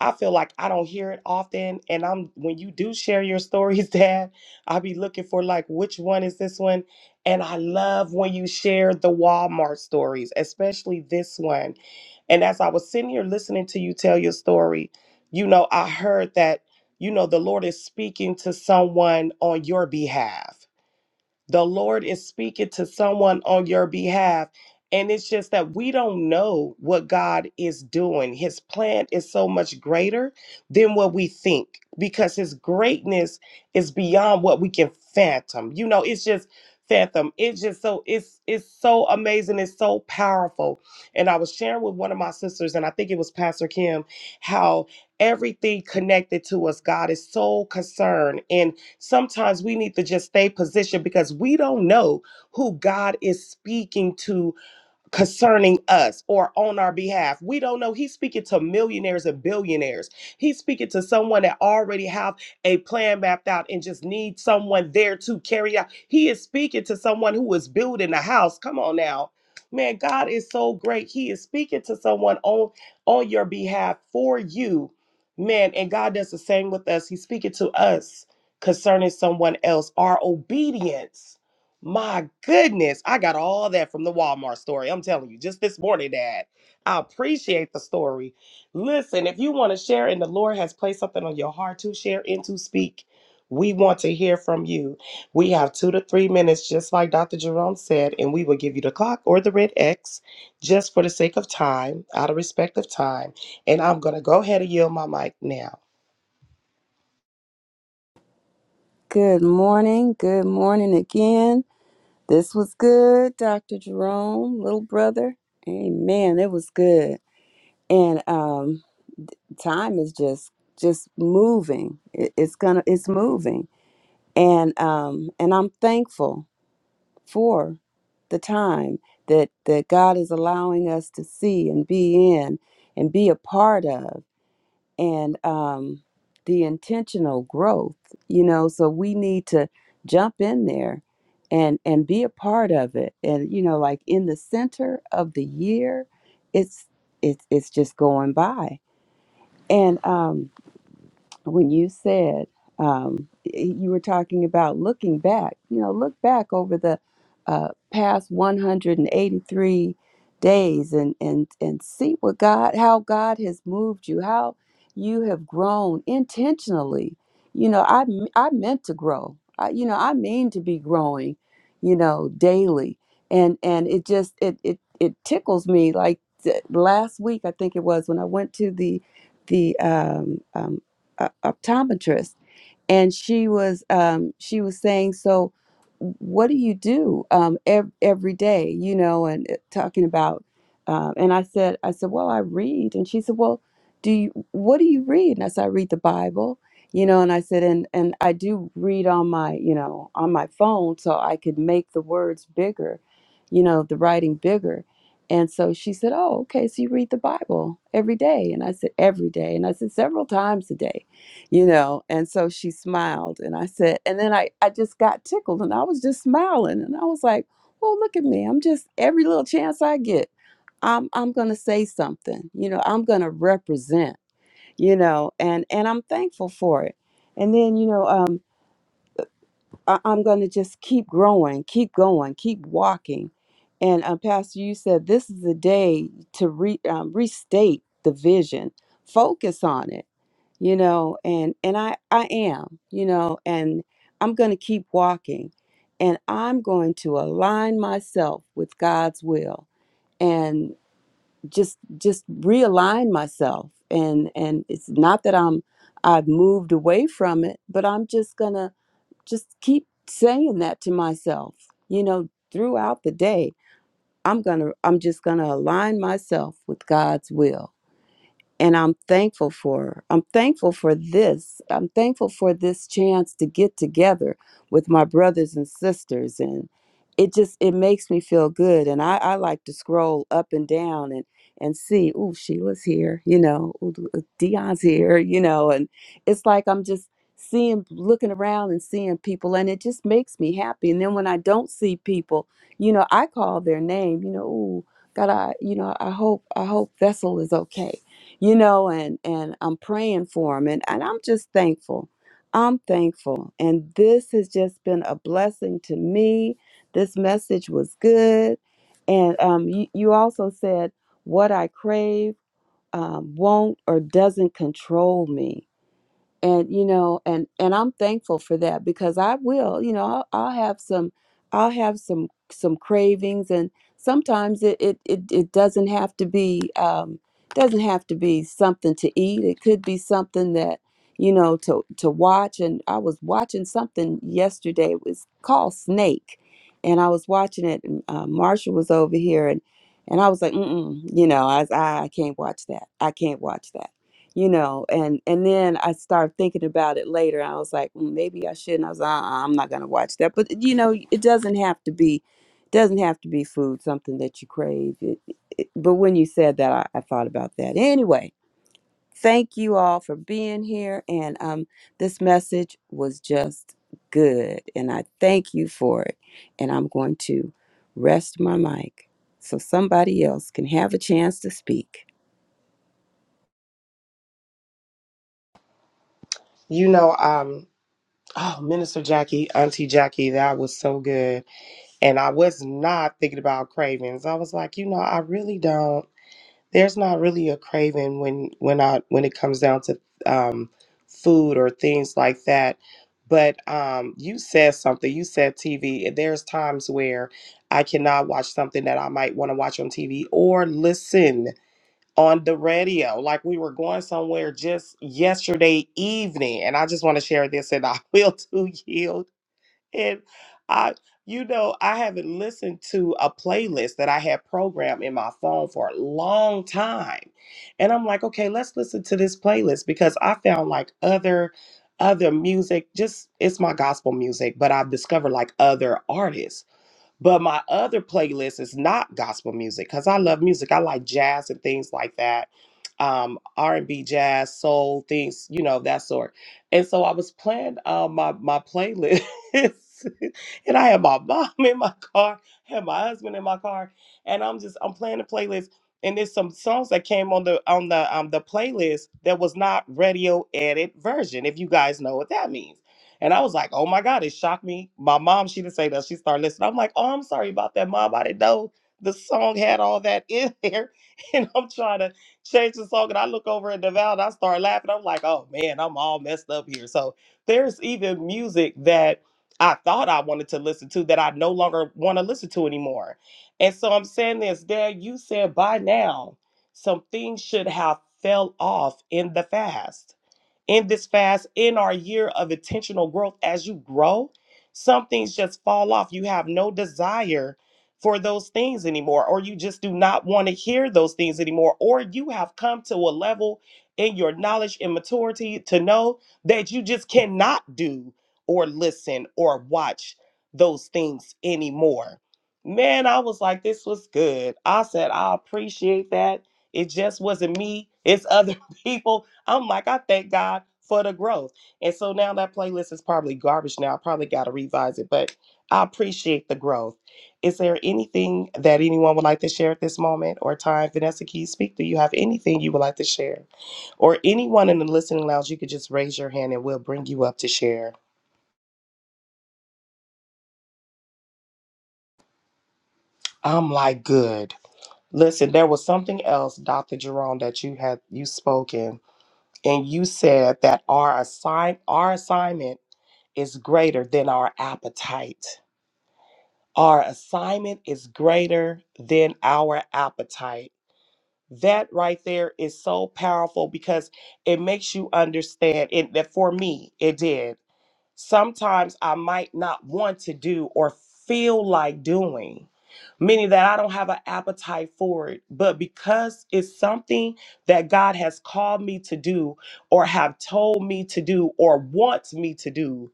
Speaker 4: I feel like I don't hear it often. And I'm when you do share your stories, Dad, I'll be looking for like which one is this one. And I love when you share the Walmart stories, especially this one. And as I was sitting here listening to you tell your story, you know, I heard that, you know, the Lord is speaking to someone on your behalf the Lord is speaking to someone on your behalf. And it's just that we don't know what God is doing. His plan is so much greater than what we think because his greatness is beyond what we can fathom. You know, it's just fathom. It's just so it's it's so amazing. It's so powerful. And I was sharing with one of my sisters, and I think it was Pastor Kim, how everything connected to us, God is so concerned. And Sometimes we need to just stay positioned because we don't know who God is speaking to concerning us or on our behalf. We don't know. He's speaking to millionaires and billionaires. He's speaking to someone that already have a plan mapped out and just needs someone there to carry out. He is speaking to someone who is building a house. Come on now. Man, God is so great. He is speaking to someone on on your behalf for you. Man, and God does the same with us. He's speaking to us concerning someone else. Our obedience my goodness, I got all that from the Walmart story. I'm telling you, just this morning, Dad. I appreciate the story. Listen, if you want to share and the Lord has placed something on your heart to share and to speak, we want to hear from you. We have two to three minutes, just like Dr. Jerome said, and we will give you the clock or the red X just for the sake of time, out of respect of time. And I'm going to go ahead and yield my mic now.
Speaker 2: Good morning. Good morning again. This was good, Dr. Jerome, little brother. Amen. It was good. And um, time is just just moving it, it's gonna it's moving and um and i'm thankful for the time that that god is allowing us to see and be in and be a part of and um the intentional growth you know so we need to jump in there and and be a part of it and you know like in the center of the year it's it's it's just going by and um when you said um, you were talking about looking back, you know, look back over the uh, past 183 days and, and, and see what God, how God has moved you, how you have grown intentionally. You know, I, m- I meant to grow. I, you know, I mean to be growing, you know, daily. And, and it just, it, it, it tickles me like th- last week, I think it was when I went to the, the, um, um, uh, optometrist, and she was um, she was saying, "So, what do you do um, ev- every day?" You know, and uh, talking about, um, and I said, I said, "Well, I read," and she said, "Well, do you what do you read?" And I said, "I read the Bible." You know, and I said, and and I do read on my, you know, on my phone, so I could make the words bigger, you know, the writing bigger. And so she said, "Oh, okay, so you read the Bible every day?" And I said, "Every day." And I said, "Several times a day." you know and so she smiled and i said and then i i just got tickled and i was just smiling and i was like well look at me i'm just every little chance i get i'm i'm gonna say something you know i'm gonna represent you know and and i'm thankful for it and then you know um I- I'm going to just keep growing, keep going, keep walking. And uh, Pastor, you said this is the day to re- um, restate the vision, focus on it, you know. And and I I am, you know, and I'm going to keep walking, and I'm going to align myself with God's will, and just just realign myself. And and it's not that I'm I've moved away from it, but I'm just gonna just keep saying that to myself you know throughout the day i'm going to i'm just going to align myself with god's will and I'm thankful for her. I'm thankful for this. I'm thankful for this chance to get together with my brothers and sisters and it just it makes me feel good and I, I like to scroll up and down and and see oh Sheila's here you know ooh, Dion's here you know and it's like I'm just seeing looking around and seeing people and it just makes me happy and then when I don't see people you know I call their name you know ooh God I you know I hope I hope Vessel is okay you know and and i'm praying for him and, and i'm just thankful i'm thankful and this has just been a blessing to me this message was good and um, you, you also said what i crave um, won't or doesn't control me and you know and and i'm thankful for that because i will you know i'll, I'll have some i'll have some some cravings and sometimes it it it, it doesn't have to be um doesn't have to be something to eat it could be something that you know to to watch and i was watching something yesterday it was called snake and i was watching it and uh, marshall was over here and and i was like Mm-mm, you know i was, i I can't watch that i can't watch that you know and and then i started thinking about it later i was like "Mm, maybe i shouldn't i was uh i'm not gonna watch that but you know it doesn't have to be doesn't have to be food something that you crave it, it- but when you said that I, I thought about that anyway thank you all for being here and um this message was just good and i thank you for it and i'm going to rest my mic so somebody else can have a chance to speak
Speaker 4: You know, um, oh, Minister Jackie, Auntie Jackie, that was so good and I was not thinking about cravings. I was like, you know, I really don't. There's not really a craving when when I when it comes down to um, food or things like that. But um, you said something. You said TV. and There's times where I cannot watch something that I might want to watch on TV or listen on the radio. Like we were going somewhere just yesterday evening, and I just want to share this, and I will to yield and I, you know, I haven't listened to a playlist that I had programmed in my phone for a long time. And I'm like, okay, let's listen to this playlist because I found like other other music just it's my gospel music but i've discovered like other artists but my other playlist is not gospel music because I love music. I like jazz and things like that, um, R and B, jazz, soul, things you know that sort. And so I was playing uh, my my playlist, and I had my mom in my car, had my husband in my car, and I'm just I'm playing the playlist. And there's some songs that came on the on the um the playlist that was not radio edit version. If you guys know what that means. And I was like, oh my God, it shocked me. My mom, she didn't say that. She started listening. I'm like, oh, I'm sorry about that, mom. I didn't know the song had all that in there. And I'm trying to change the song. And I look over at Deval and I start laughing. I'm like, oh man, I'm all messed up here. So there's even music that I thought I wanted to listen to that I no longer want to listen to anymore. And so I'm saying this, Dad, you said by now some things should have fell off in the fast in this fast, in our year of intentional growth, as you grow, some things just fall off. You have no desire for those things anymore, or you just do not want to hear those things anymore, or you have come to a level in your knowledge and maturity to know that you just cannot do or listen or watch those things anymore. Man, I was like, this was good. I said, I appreciate that. It just wasn't me, it's other people I'm like, I thank God for the growth. And so now that playlist is probably garbage now. I probably got to revise it, but I appreciate the growth. Is there anything that anyone would like to share at this moment or time? Vanessa, can you speak? Do you have anything you would like to share? Or anyone in the listening lounge, you could just raise your hand and we'll bring you up to share. I'm like, good. Listen, there was something else, Dr. Jerome, that you had you spoken, and you said that our assign our assignment is greater than our appetite. Our assignment is greater than our appetite. That right there is so powerful because it makes you understand it that for me it did. Sometimes I might not want to do or feel like doing, meaning that I don't have an appetite for it. But because it's something that God has called me to do or have told me to do or wants me to do,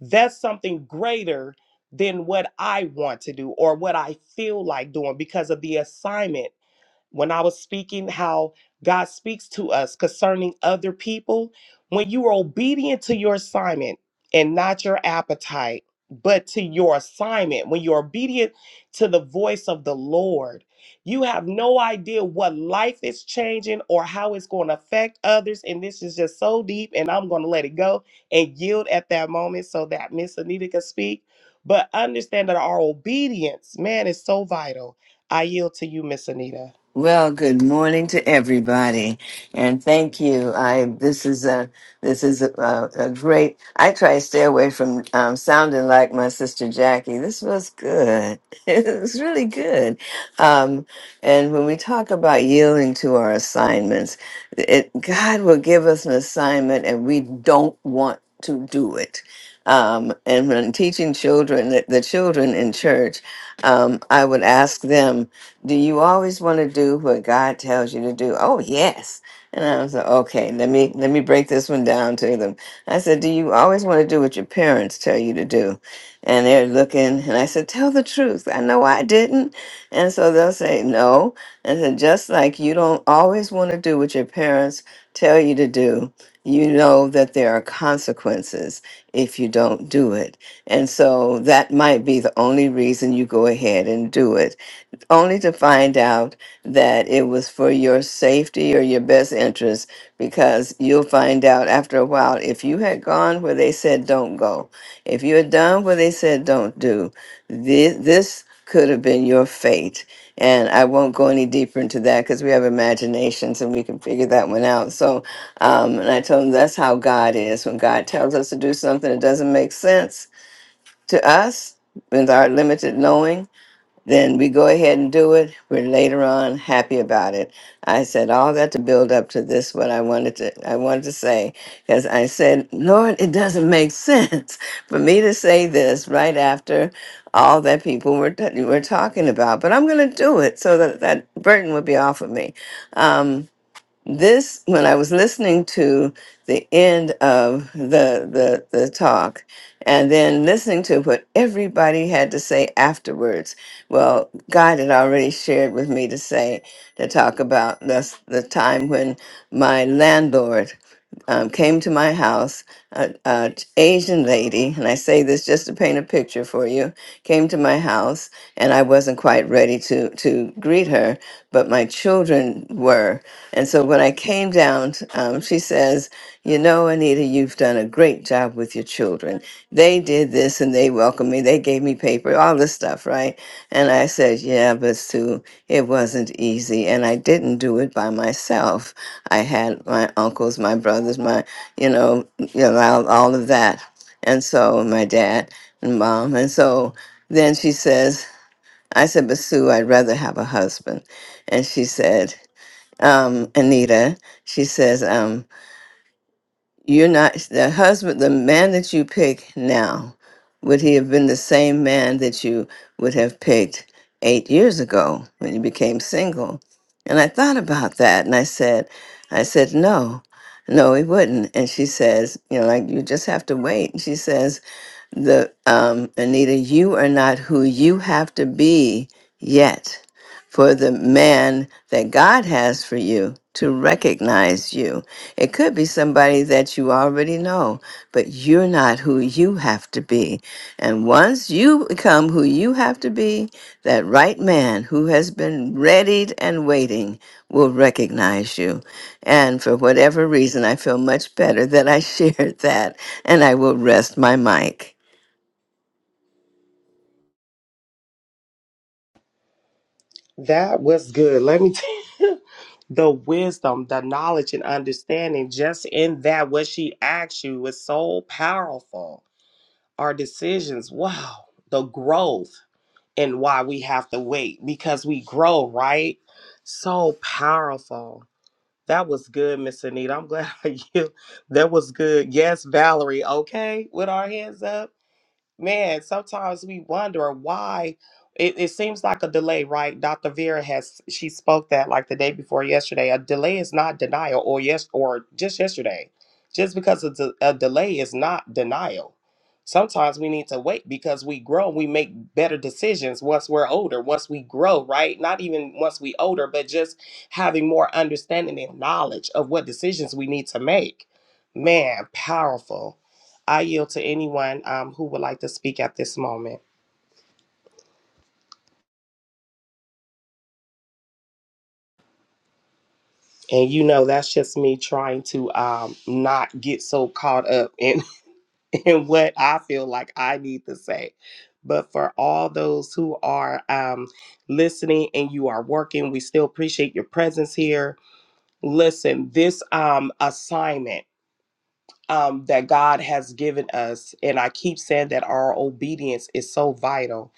Speaker 4: that's something greater than what I want to do or what I feel like doing because of the assignment when I was speaking how God speaks to us concerning other people. When you are obedient to your assignment and not your appetite, but to your assignment, when you're obedient to the voice of the Lord, you have no idea what life is changing or how it's going to affect others. And this is just so deep, and I'm going to let it go and yield at that moment so that Miss Anita can speak. But understand that our obedience, man, is so vital. I yield to you, Miss Anita.
Speaker 5: Well, good morning to everybody, and thank you. I this is a this is a, a, a great. I try to stay away from um, sounding like my sister Jackie. This was good. It was really good. Um, and when we talk about yielding to our assignments, it, God will give us an assignment, and we don't want to do it. Um, and when teaching children, the, the children in church, um, I would ask them. Do you always want to do what God tells you to do? Oh, yes. And I was like, okay, let me let me break this one down to them. I said, do you always want to do what your parents tell you to do? And they're looking, and I said, tell the truth. I know I didn't. And so they'll say no. And said, just like you don't always want to do what your parents tell you to do, you know that there are consequences if you don't do it. And so that might be the only reason you go ahead and do it only to find out that it was for your safety or your best interest because you'll find out after a while if you had gone where they said don't go if you had done what they said don't do this, this could have been your fate and i won't go any deeper into that because we have imaginations and we can figure that one out so um, and i told him that's how god is when god tells us to do something that doesn't make sense to us with our limited knowing then we go ahead and do it. We're later on happy about it. I said all that to build up to this what I wanted to I wanted to say because I said, Lord, it doesn't make sense for me to say this right after all that people were t- were talking about, but I'm going to do it so that that burden would be off of me. Um, this when i was listening to the end of the the the talk and then listening to what everybody had to say afterwards well god had already shared with me to say to talk about this the time when my landlord um, came to my house, an Asian lady, and I say this just to paint a picture for you, came to my house, and I wasn't quite ready to to greet her, but my children were. And so when I came down, um, she says, You know, Anita, you've done a great job with your children. They did this and they welcomed me. They gave me paper, all this stuff, right? And I said, Yeah, but Sue, it wasn't easy. And I didn't do it by myself. I had my uncles, my brothers, my, you know, you know all, all of that. And so my dad and mom. And so then she says, I said, but Sue, I'd rather have a husband. And she said, um, Anita. She says, um, "You're not the husband, the man that you pick now. Would he have been the same man that you would have picked eight years ago when you became single?" And I thought about that, and I said, "I said no, no, he wouldn't." And she says, "You know, like you just have to wait." And she says the um, Anita, you are not who you have to be yet for the man that God has for you to recognize you. It could be somebody that you already know, but you're not who you have to be. And once you become who you have to be, that right man who has been readied and waiting will recognize you. And for whatever reason, I feel much better that I shared that, and I will rest my mic.
Speaker 4: That was good. Let me tell you the wisdom, the knowledge, and understanding just in that what she asked you was so powerful. Our decisions, wow, the growth and why we have to wait because we grow, right? So powerful. That was good, Miss Anita. I'm glad you. That was good. Yes, Valerie. Okay, with our hands up. Man, sometimes we wonder why it, it seems like a delay, right? Dr. Vera has she spoke that like the day before yesterday. A delay is not denial, or yes, or just yesterday. Just because it's a, a delay is not denial. Sometimes we need to wait because we grow, we make better decisions once we're older, once we grow, right? Not even once we older, but just having more understanding and knowledge of what decisions we need to make. Man, powerful. I yield to anyone um, who would like to speak at this moment. And you know, that's just me trying to um, not get so caught up in, in what I feel like I need to say. But for all those who are um, listening and you are working, we still appreciate your presence here. Listen, this um, assignment um, that God has given us, and I keep saying that our obedience is so vital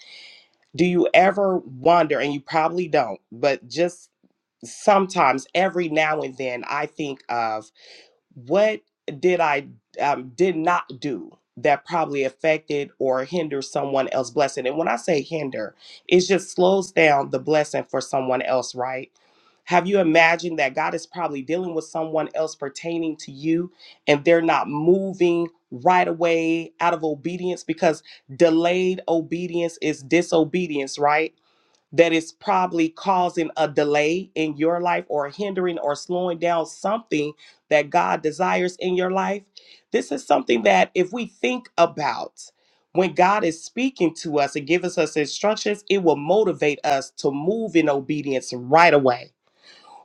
Speaker 4: do you ever wonder and you probably don't but just sometimes every now and then I think of what did I um, did not do that probably affected or hindered someone else' blessing. And when I say hinder, it just slows down the blessing for someone else, right? Have you imagined that God is probably dealing with someone else pertaining to you and they're not moving right away out of obedience because delayed obedience is disobedience, right? that is probably causing a delay in your life or hindering or slowing down something that God desires in your life. This is something that if we think about when God is speaking to us and giving us instructions, it will motivate us to move in obedience right away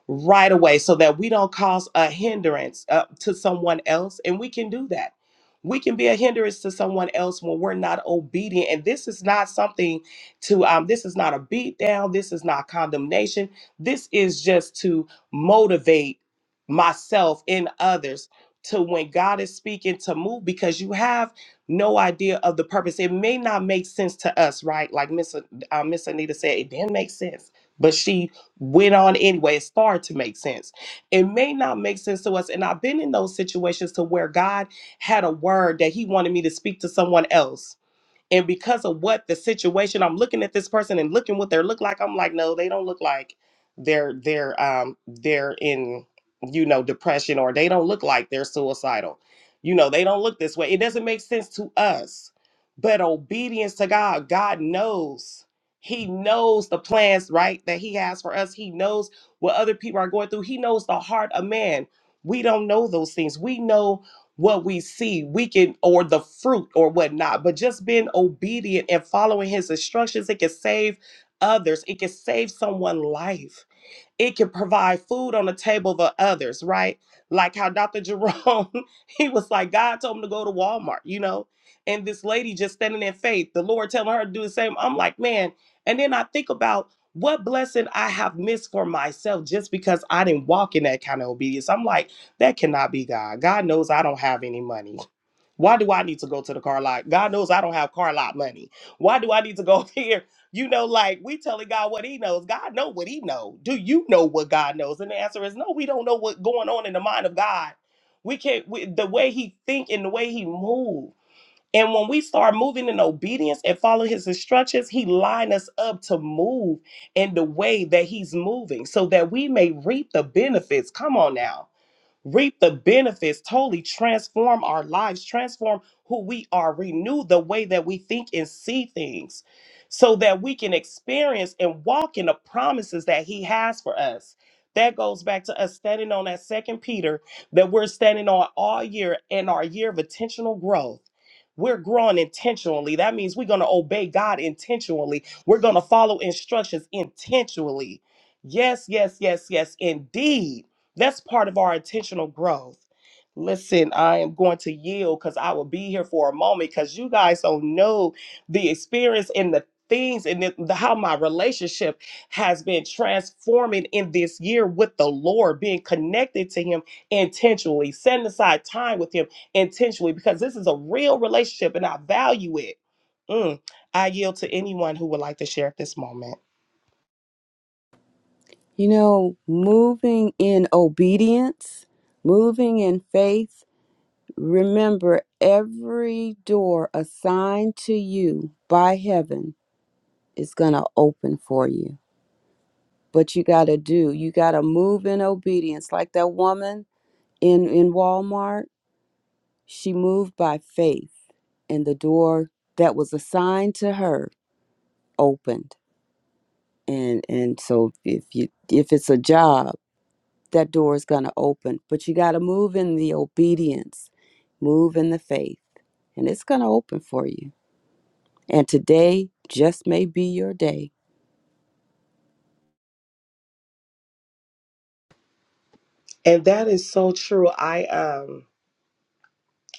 Speaker 4: right away so that we don't cause a hindrance uh, to someone else. And we can do that. We can be a hindrance to someone else when we're not obedient. And this is not something to, um, this is not a beat down. This is not condemnation. This is just to motivate myself and others to when God is speaking to move because you have no idea of the purpose. It may not make sense to us, right? Like Miss uh, Miss Anita said, it didn't make sense, but she went on anyway. It started to make sense. It may not make sense to us. And I've been in those situations to where God had a word that He wanted me to speak to someone else and because of what the situation, I'm looking at this person and looking what they look like. I'm like, no, they don't look like they're they're um they're in you know depression or they don't look like they're suicidal. You know, they don't look this way. It doesn't make sense to us. But obedience to God, God knows. He knows the plans, right, that he has for us. He knows what other people are going through. He knows the heart of man. We don't know those things. We know what we see, we can, or the fruit or whatnot, but just being obedient and following his instructions, it can save others, it can save someone's life it can provide food on the table for others, right? Like how Dr. Jerome, he was like, God told him to go to Walmart, you know? And this lady just standing in faith, the Lord telling her to do the same. I'm like, man. And then I think about what blessing I have missed for myself just because I didn't walk in that kind of obedience. I'm like, that cannot be God. God knows I don't have any money. Why do I need to go to the car lot? God knows I don't have car lot money. Why do I need to go here? You know, like we telling God what He knows. God know what He know. Do you know what God knows? And the answer is no. We don't know what's going on in the mind of God. We can't. We, the way He think and the way He move. And when we start moving in obedience and follow His instructions, He line us up to move in the way that He's moving, so that we may reap the benefits. Come on now reap the benefits, totally transform our lives, transform who we are, renew the way that we think and see things so that we can experience and walk in the promises that he has for us. That goes back to us standing on that second Peter that we're standing on all year and our year of intentional growth. We're growing intentionally. That means we're going to obey God intentionally. We're going to follow instructions intentionally. Yes, yes, yes, yes, indeed that's part of our intentional growth. Listen, I am going to yield because I will be here for a moment because you guys don't know the experience and the things and the, the- how my relationship has been transforming in this year with the Lord, being connected to Him intentionally, setting aside time with Him intentionally because this is a real relationship and I value it. Mm. I yield to anyone who would like to share at this moment.
Speaker 2: You know, moving in obedience, moving in faith, remember every door assigned to you by heaven is going to open for you. But you got to do, you got to move in obedience. Like that woman in, in Walmart, she moved by faith, and the door that was assigned to her opened. And, and so if you if it's a job that door is going to open. But you got to move in the obedience, move in the faith, and it's going to open for you. And today just may be your day.
Speaker 4: And that is so true. I am.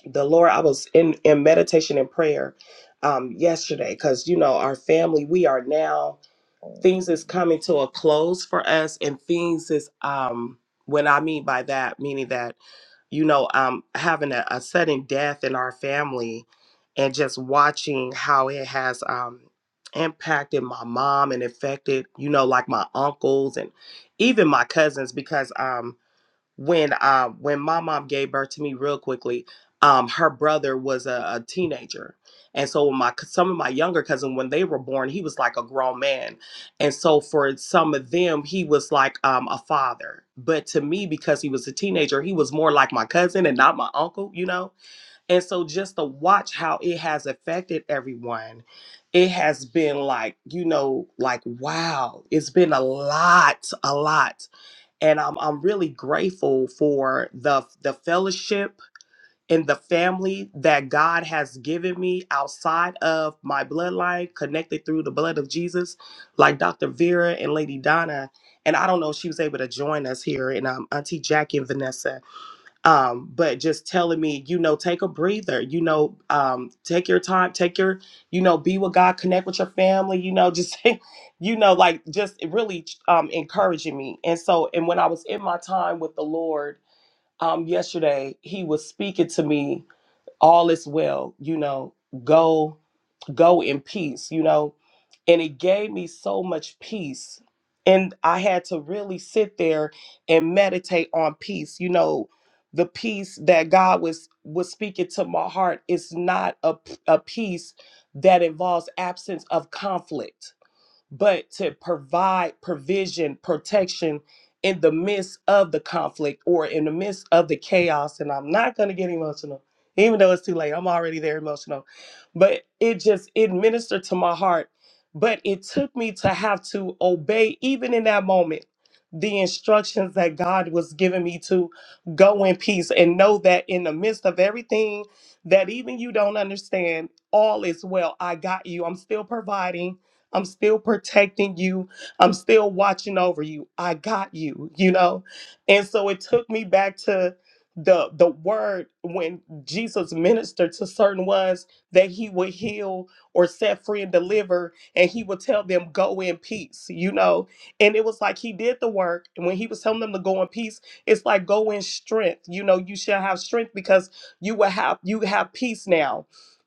Speaker 4: the Lord, I was in in meditation and prayer um yesterday because you know our family, we are now things is coming to a close for us, and things is um when I mean by that, meaning that you know um having a, a sudden death in our family, and just watching how it has um impacted my mom and affected you know like my uncles and even my cousins because um, when uh when my mom gave birth to me real quickly um her brother was a, a teenager and so my c- some of my younger cousin when they were born he was like a grown man and so for some of them he was like um a father but to me because he was a teenager he was more like my cousin and not my uncle you know and so just to watch how it has affected everyone it has been like you know like wow it's been a lot a lot and I'm I'm really grateful for the the fellowship and the family that God has given me outside of my bloodline, connected through the blood of Jesus, like Dr. Vera and Lady Donna. And I don't know if she was able to join us here, and um, Auntie Jackie and Vanessa um, but just telling me, you know, take a breather, you know, um, take your time, take your, you know, be with God, connect with your family, you know, just, you know, like just really um, encouraging me. And so, and when I was in my time with the Lord um, yesterday, He was speaking to me, all is well, you know, go go in peace, you know. And it gave me so much peace. And I had to really sit there and meditate on peace. You know, the peace that God was was speaking to my heart is not a a peace that involves absence of conflict but to provide provision, protection in the midst of the conflict or in the midst of the chaos. And I'm not going to get emotional, even though it's too late. I'm already there emotional. But it just, it ministered to my heart. But it took me to have to obey, even in that moment, the instructions that God was giving me to go in peace and know that in the midst of everything that even you don't understand, all is well. I got you. I'm still providing. I'm still protecting you. I'm still watching over you. I got you, you know? And so it took me back to the the word when Jesus ministered to certain ones that he would heal or set free and deliver and he would tell them go in peace, you know? And it was like he did the work and when he was telling them to go in peace, it's like go in strength. You know, you shall have strength because you will have you have peace now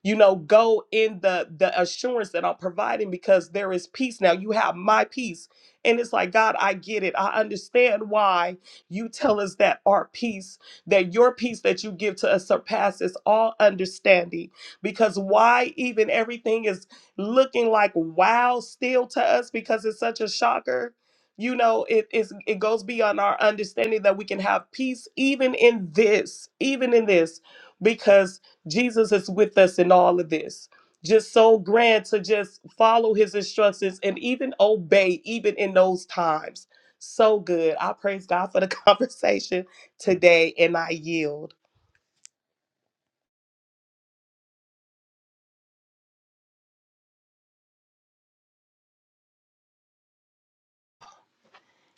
Speaker 4: you know go in the the assurance that i'm providing because there is peace now you have my peace and it's like god i get it i understand why you tell us that our peace that your peace that you give to us surpasses all understanding because why even everything is looking like wow still to us because it's such a shocker you know it is it goes beyond our understanding that we can have peace even in this even in this because Jesus is with us in all of this. Just so grand to just follow his instructions and even obey, even in those times. So good. I praise God for the conversation today and I yield.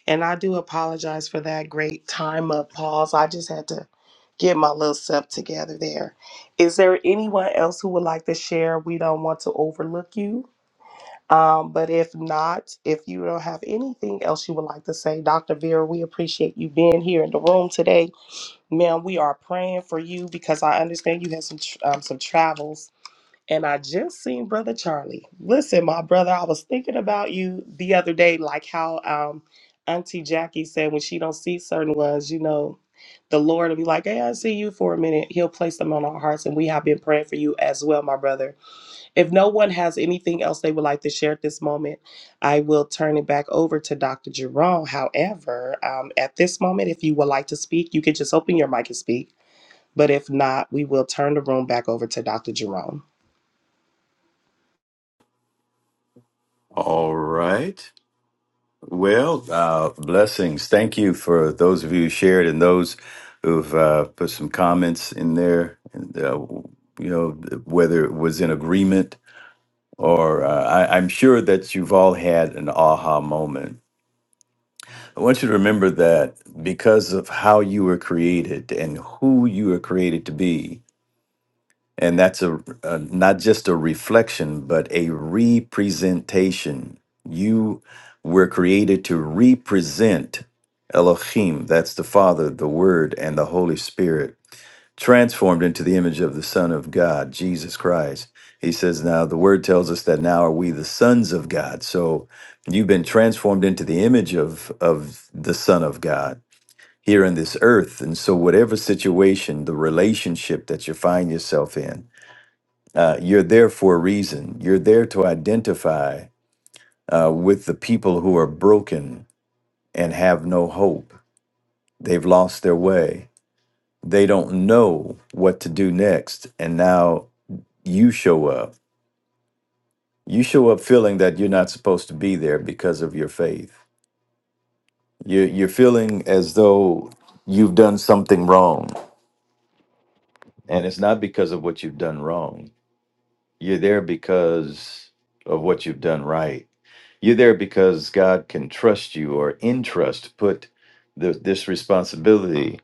Speaker 4: And I do apologize for that great time of pause. I just had to get my little self together there. Is there anyone else who would like to share? We don't want to overlook you. Um, but if not, if you don't have anything else you would like to say, Dr. Vera, we appreciate you being here in the room today. Ma'am, we are praying for you because I understand you had some tr- um, some travels. And I just seen Brother Charlie. Listen, my brother, I was thinking about you the other day, like how um, Auntie Jackie said when she don't see certain ones, you know, the Lord will be like, hey, I see you for a minute. He'll place them on our hearts. And we have been praying for you as well, my brother if no one has anything else they would like to share at this moment, I will turn it back over to Dr. Jerome. However, um, at this moment, if you would like to speak, you can just open your mic and speak. But if not, we will turn the room back over to Dr. Jerome.
Speaker 3: All right. Well, uh, blessings. Thank you for those of you who shared and those who've uh, put some comments in there. And, uh, you know, whether it was in agreement or uh, I, I'm sure that you've all had an aha moment I want you to remember that because of how you were created and who you were created to be, and that's a, a not just a reflection, but a representation. You were created to represent Elohim, that's the Father, the Word, and the Holy Spirit transformed into the image of the Son of God, Jesus Christ. He says, Now the word tells us that now are we the sons of God. So you've been transformed into the image of, of the Son of God here in this earth. And so, whatever situation, the relationship that you find yourself in, uh, you're there for a reason. You're there to identify uh, with the people who are broken and have no hope. They've lost their way. They don't know what to do next. And now you show up. You show up feeling that you're not supposed to be there because of your faith. You're, you're feeling as though you've done something wrong. And it's not because of what you've done wrong. You're there because of what you've done right. You're there because God can trust you or entrust, put the, this responsibility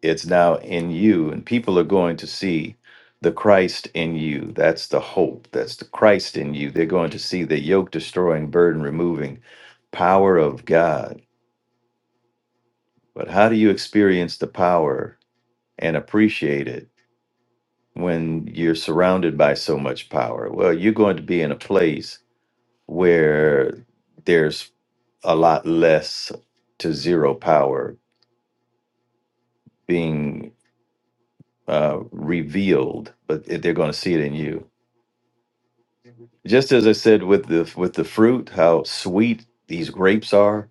Speaker 3: It's now in you, and people are going to see the Christ in you. That's the hope. That's the Christ in you. They're going to see the yoke destroying, burden removing power of God. But how do you experience the power and appreciate it when you're surrounded by so much power? Well, you're going to be in a place where there's a lot less to zero power being uh, revealed, but they're going to see it in you just as I said with the with the fruit, how sweet these grapes are.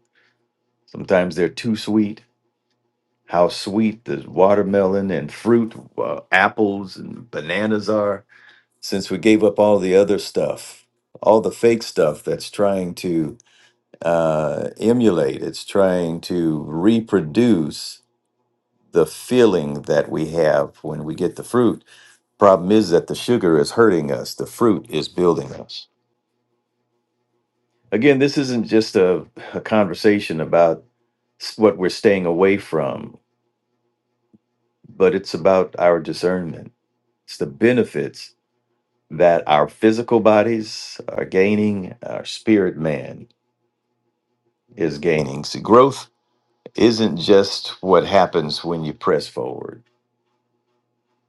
Speaker 3: Sometimes they're too sweet. How sweet the watermelon and fruit, uh, apples and bananas are. Since we gave up all the other stuff, all the fake stuff that's trying to uh, emulate, it's trying to reproduce the feeling that we have when we get the fruit. Problem is that the sugar is hurting us. The fruit is building us. Again, this isn't just a, a conversation about s- what we're staying away from, but it's about our discernment. It's the benefits that our physical bodies are gaining, our spirit man is gaining. See, growth isn't just what happens when you press forward.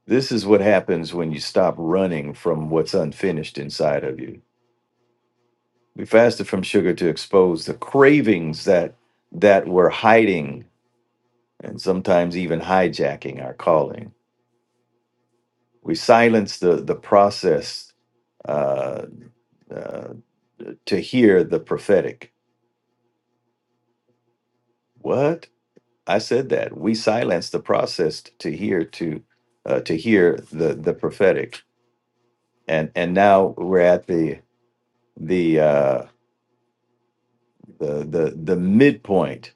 Speaker 3: This is what happens when you stop running from what's unfinished inside of you. We fasted from sugar to expose the cravings that that were hiding and sometimes even hijacking our calling. We silence the, the process uh, uh, to hear the prophetic. What? I said that. We silence the process to hear to uh, to hear the, the prophetic. And and now we're at the the uh, the, the the midpoint.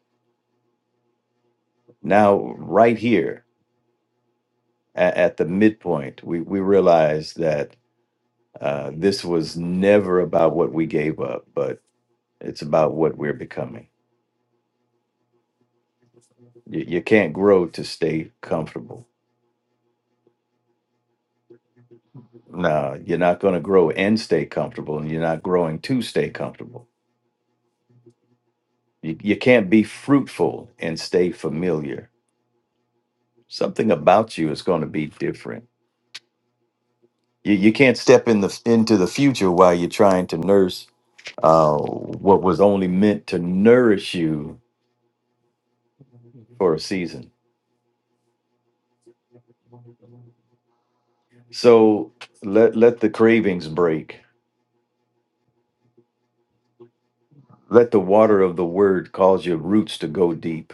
Speaker 3: Now right here at, at the midpoint, we, we realize that uh, this was never about what we gave up, but It's about what we're becoming. You, you can't grow to stay comfortable. No, you're not going to grow and stay comfortable, and you're not growing to stay comfortable. You, you can't be fruitful and stay familiar. Something about you is going to be different. You, you can't step in the into the future while you're trying to nurse uh, what was only meant to nourish you for a season. So let let the cravings break. Let the water of the word cause your roots to go deep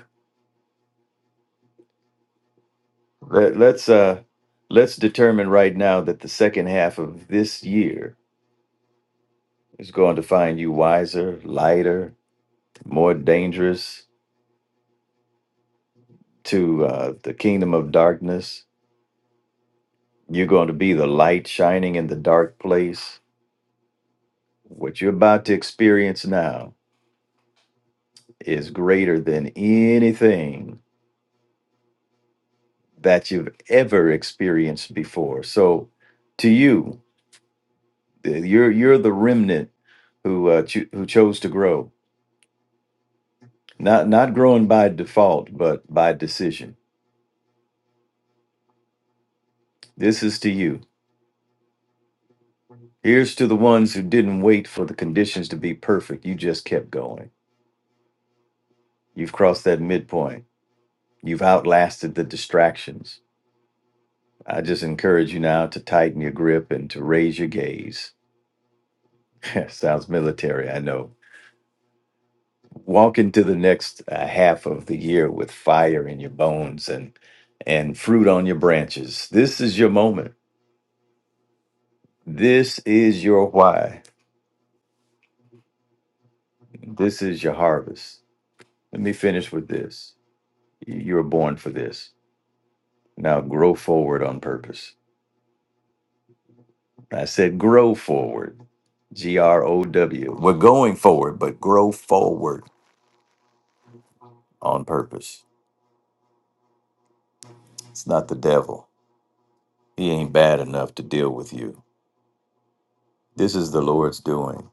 Speaker 3: Let, let's uh let's determine right now that the second half of this year is going to find you wiser, lighter, more dangerous to uh, the kingdom of darkness. You're going to be the light shining in the dark place. What you're about to experience now is greater than anything that you've ever experienced before. So, to you, you're you're the remnant who uh, cho- who chose to grow Not not growing by default, but by decision. This is to you. Here's to the ones who didn't wait for the conditions to be perfect. You just kept going. You've crossed that midpoint. You've outlasted the distractions. I just encourage you now to tighten your grip and to raise your gaze. Sounds military, I know. Walk into the next uh, half of the year with fire in your bones and and fruit on your branches. This is your moment. This is your why. This is your harvest. Let me finish with this. You were born for this. Now grow forward on purpose. I said grow forward. G R O W. We're going forward, but grow forward on purpose. It's not the devil. He ain't bad enough to deal with you. This is the Lord's doing.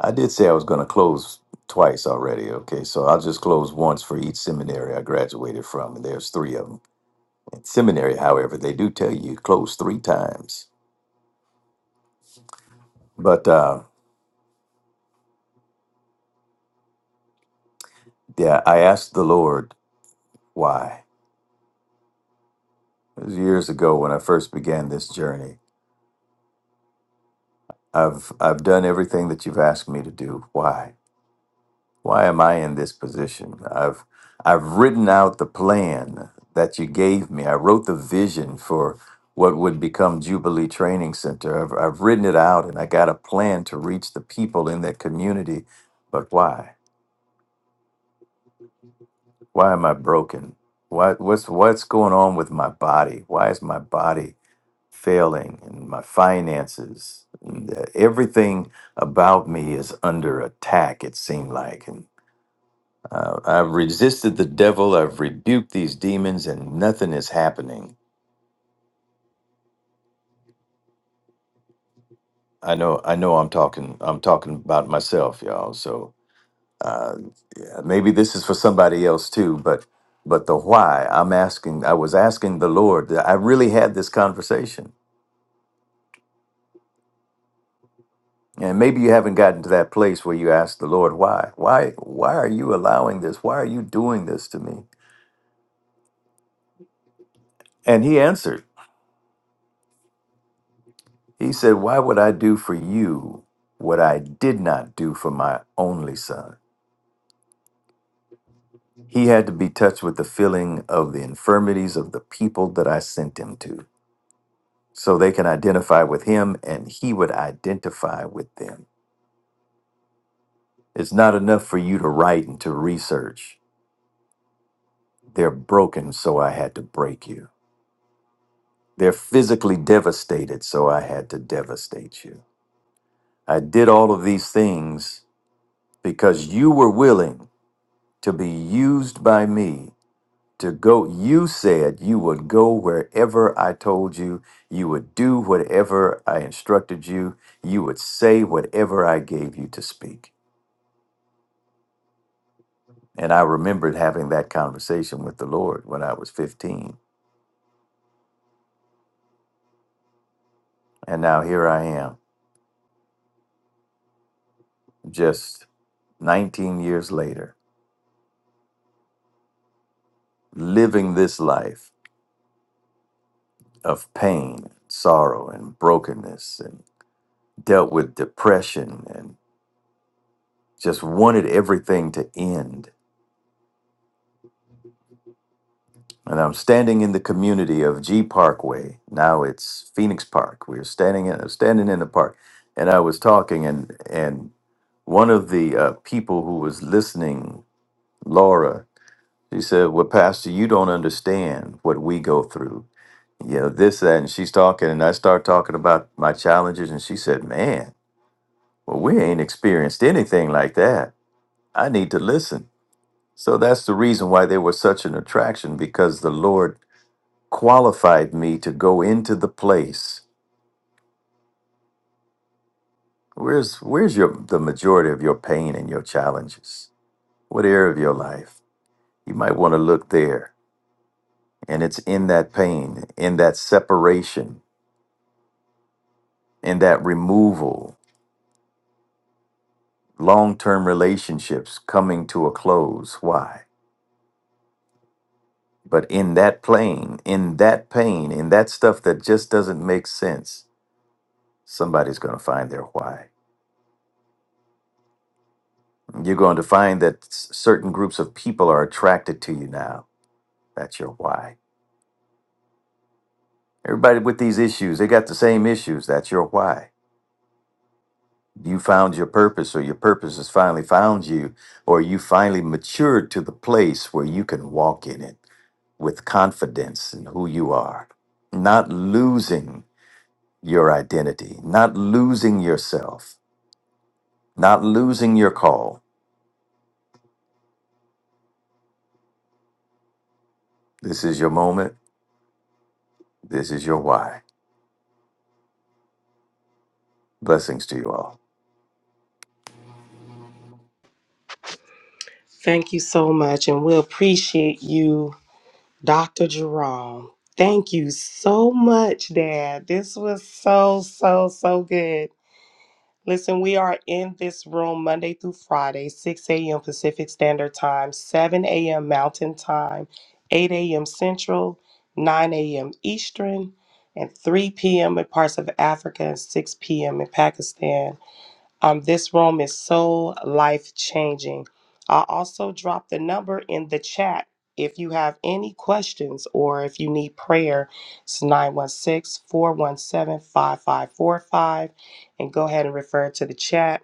Speaker 3: I did say I was going to close twice already. Okay, so I'll just close once for each seminary I graduated from, and there's three of them. At seminary, however, they do tell you close three times. But uh, Yeah, I asked the Lord why. It was years ago when I first began this journey. I've I've done everything that you've asked me to do. Why? Why am I in this position? I've I've written out the plan that you gave me. I wrote the vision for what would become Jubilee Training Center. I've I've written it out and I got a plan to reach the people in that community. But why? Why am I broken? Why what's what's going on with my body? Why is my body failing and my finances and uh, everything about me is under attack it seemed like and uh, i've resisted the devil i've rebuked these demons and nothing is happening i know i know i'm talking i'm talking about myself y'all so uh, maybe this is for somebody else too but but the why i'm asking i was asking the lord i really had this conversation And maybe you haven't gotten to that place where you ask the Lord, why? Why why are you allowing this? Why are you doing this to me? And he answered. He said, "Why would I do for you what I did not do for my only son?" He had to be touched with the feeling of the infirmities of the people that I sent him to, so they can identify with him and he would identify with them. It's not enough for you to write and to research. They're broken, so I had to break you. They're physically devastated, so I had to devastate you. I did all of these things because you were willing to be used by me to go. You said you would go wherever I told you, you would do whatever I instructed you, you would say whatever I gave you to speak. And I remembered having that conversation with the Lord when I was 15. And now here I am, just 19 years later, living this life of pain, sorrow, and brokenness, and dealt with depression, and just wanted everything to end. And I'm standing in the community of G Parkway. Now it's Phoenix Park. We were standing in standing in the park, and I was talking, and and one of the uh, people who was listening, Laura, she said, "Well, Pastor, you don't understand what we go through. You know this, that." And she's talking, and I start talking about my challenges, and she said, "Man." Well, we ain't experienced anything like that. I need to listen. So that's the reason why they were such an attraction because the Lord qualified me to go into the place. Where's where's your the majority of your pain and your challenges? What area of your life? You might want to look there. And it's in that pain, in that separation, in that removal, long-term relationships coming to a close. Why? But in that plane, in that pain, in that stuff that just doesn't make sense, somebody's going to find their why. You're going to find that s- certain groups of people are attracted to you now. That's your why. Everybody with these issues, they got the same issues. That's your why. You found your purpose, or your purpose has finally found you, or you finally matured to the place where you can walk in it with confidence in who you are, not losing your identity, not losing yourself not losing your call. This is your moment. This is your why. Blessings to you all.
Speaker 4: Thank you so much, and we appreciate you Dr. Jerome, thank you so much, Dad. This was so, so, so good. Listen, we are in this room Monday through Friday, 6 a.m. Pacific Standard Time, 7 a.m. Mountain Time, 8 a.m. Central, 9 a.m. Eastern, and 3 p.m. in parts of Africa, and 6 p.m. in Pakistan. Um, this room is so life changing. I also dropped the number in the chat. If you have any questions or if you need prayer, it's 916 417 5545, And go ahead and refer to the chat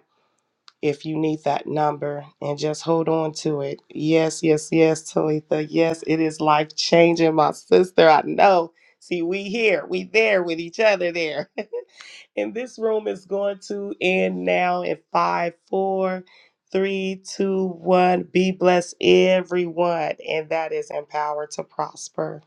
Speaker 4: if you need that number and just hold on to it. Yes, yes, yes, Talitha. Yes, it is life changing, my sister. I know. See, we here, we there with each other there. And this room is going to end now in five, four, three, two, one. Be blessed, everyone. And that is empowered to prosper.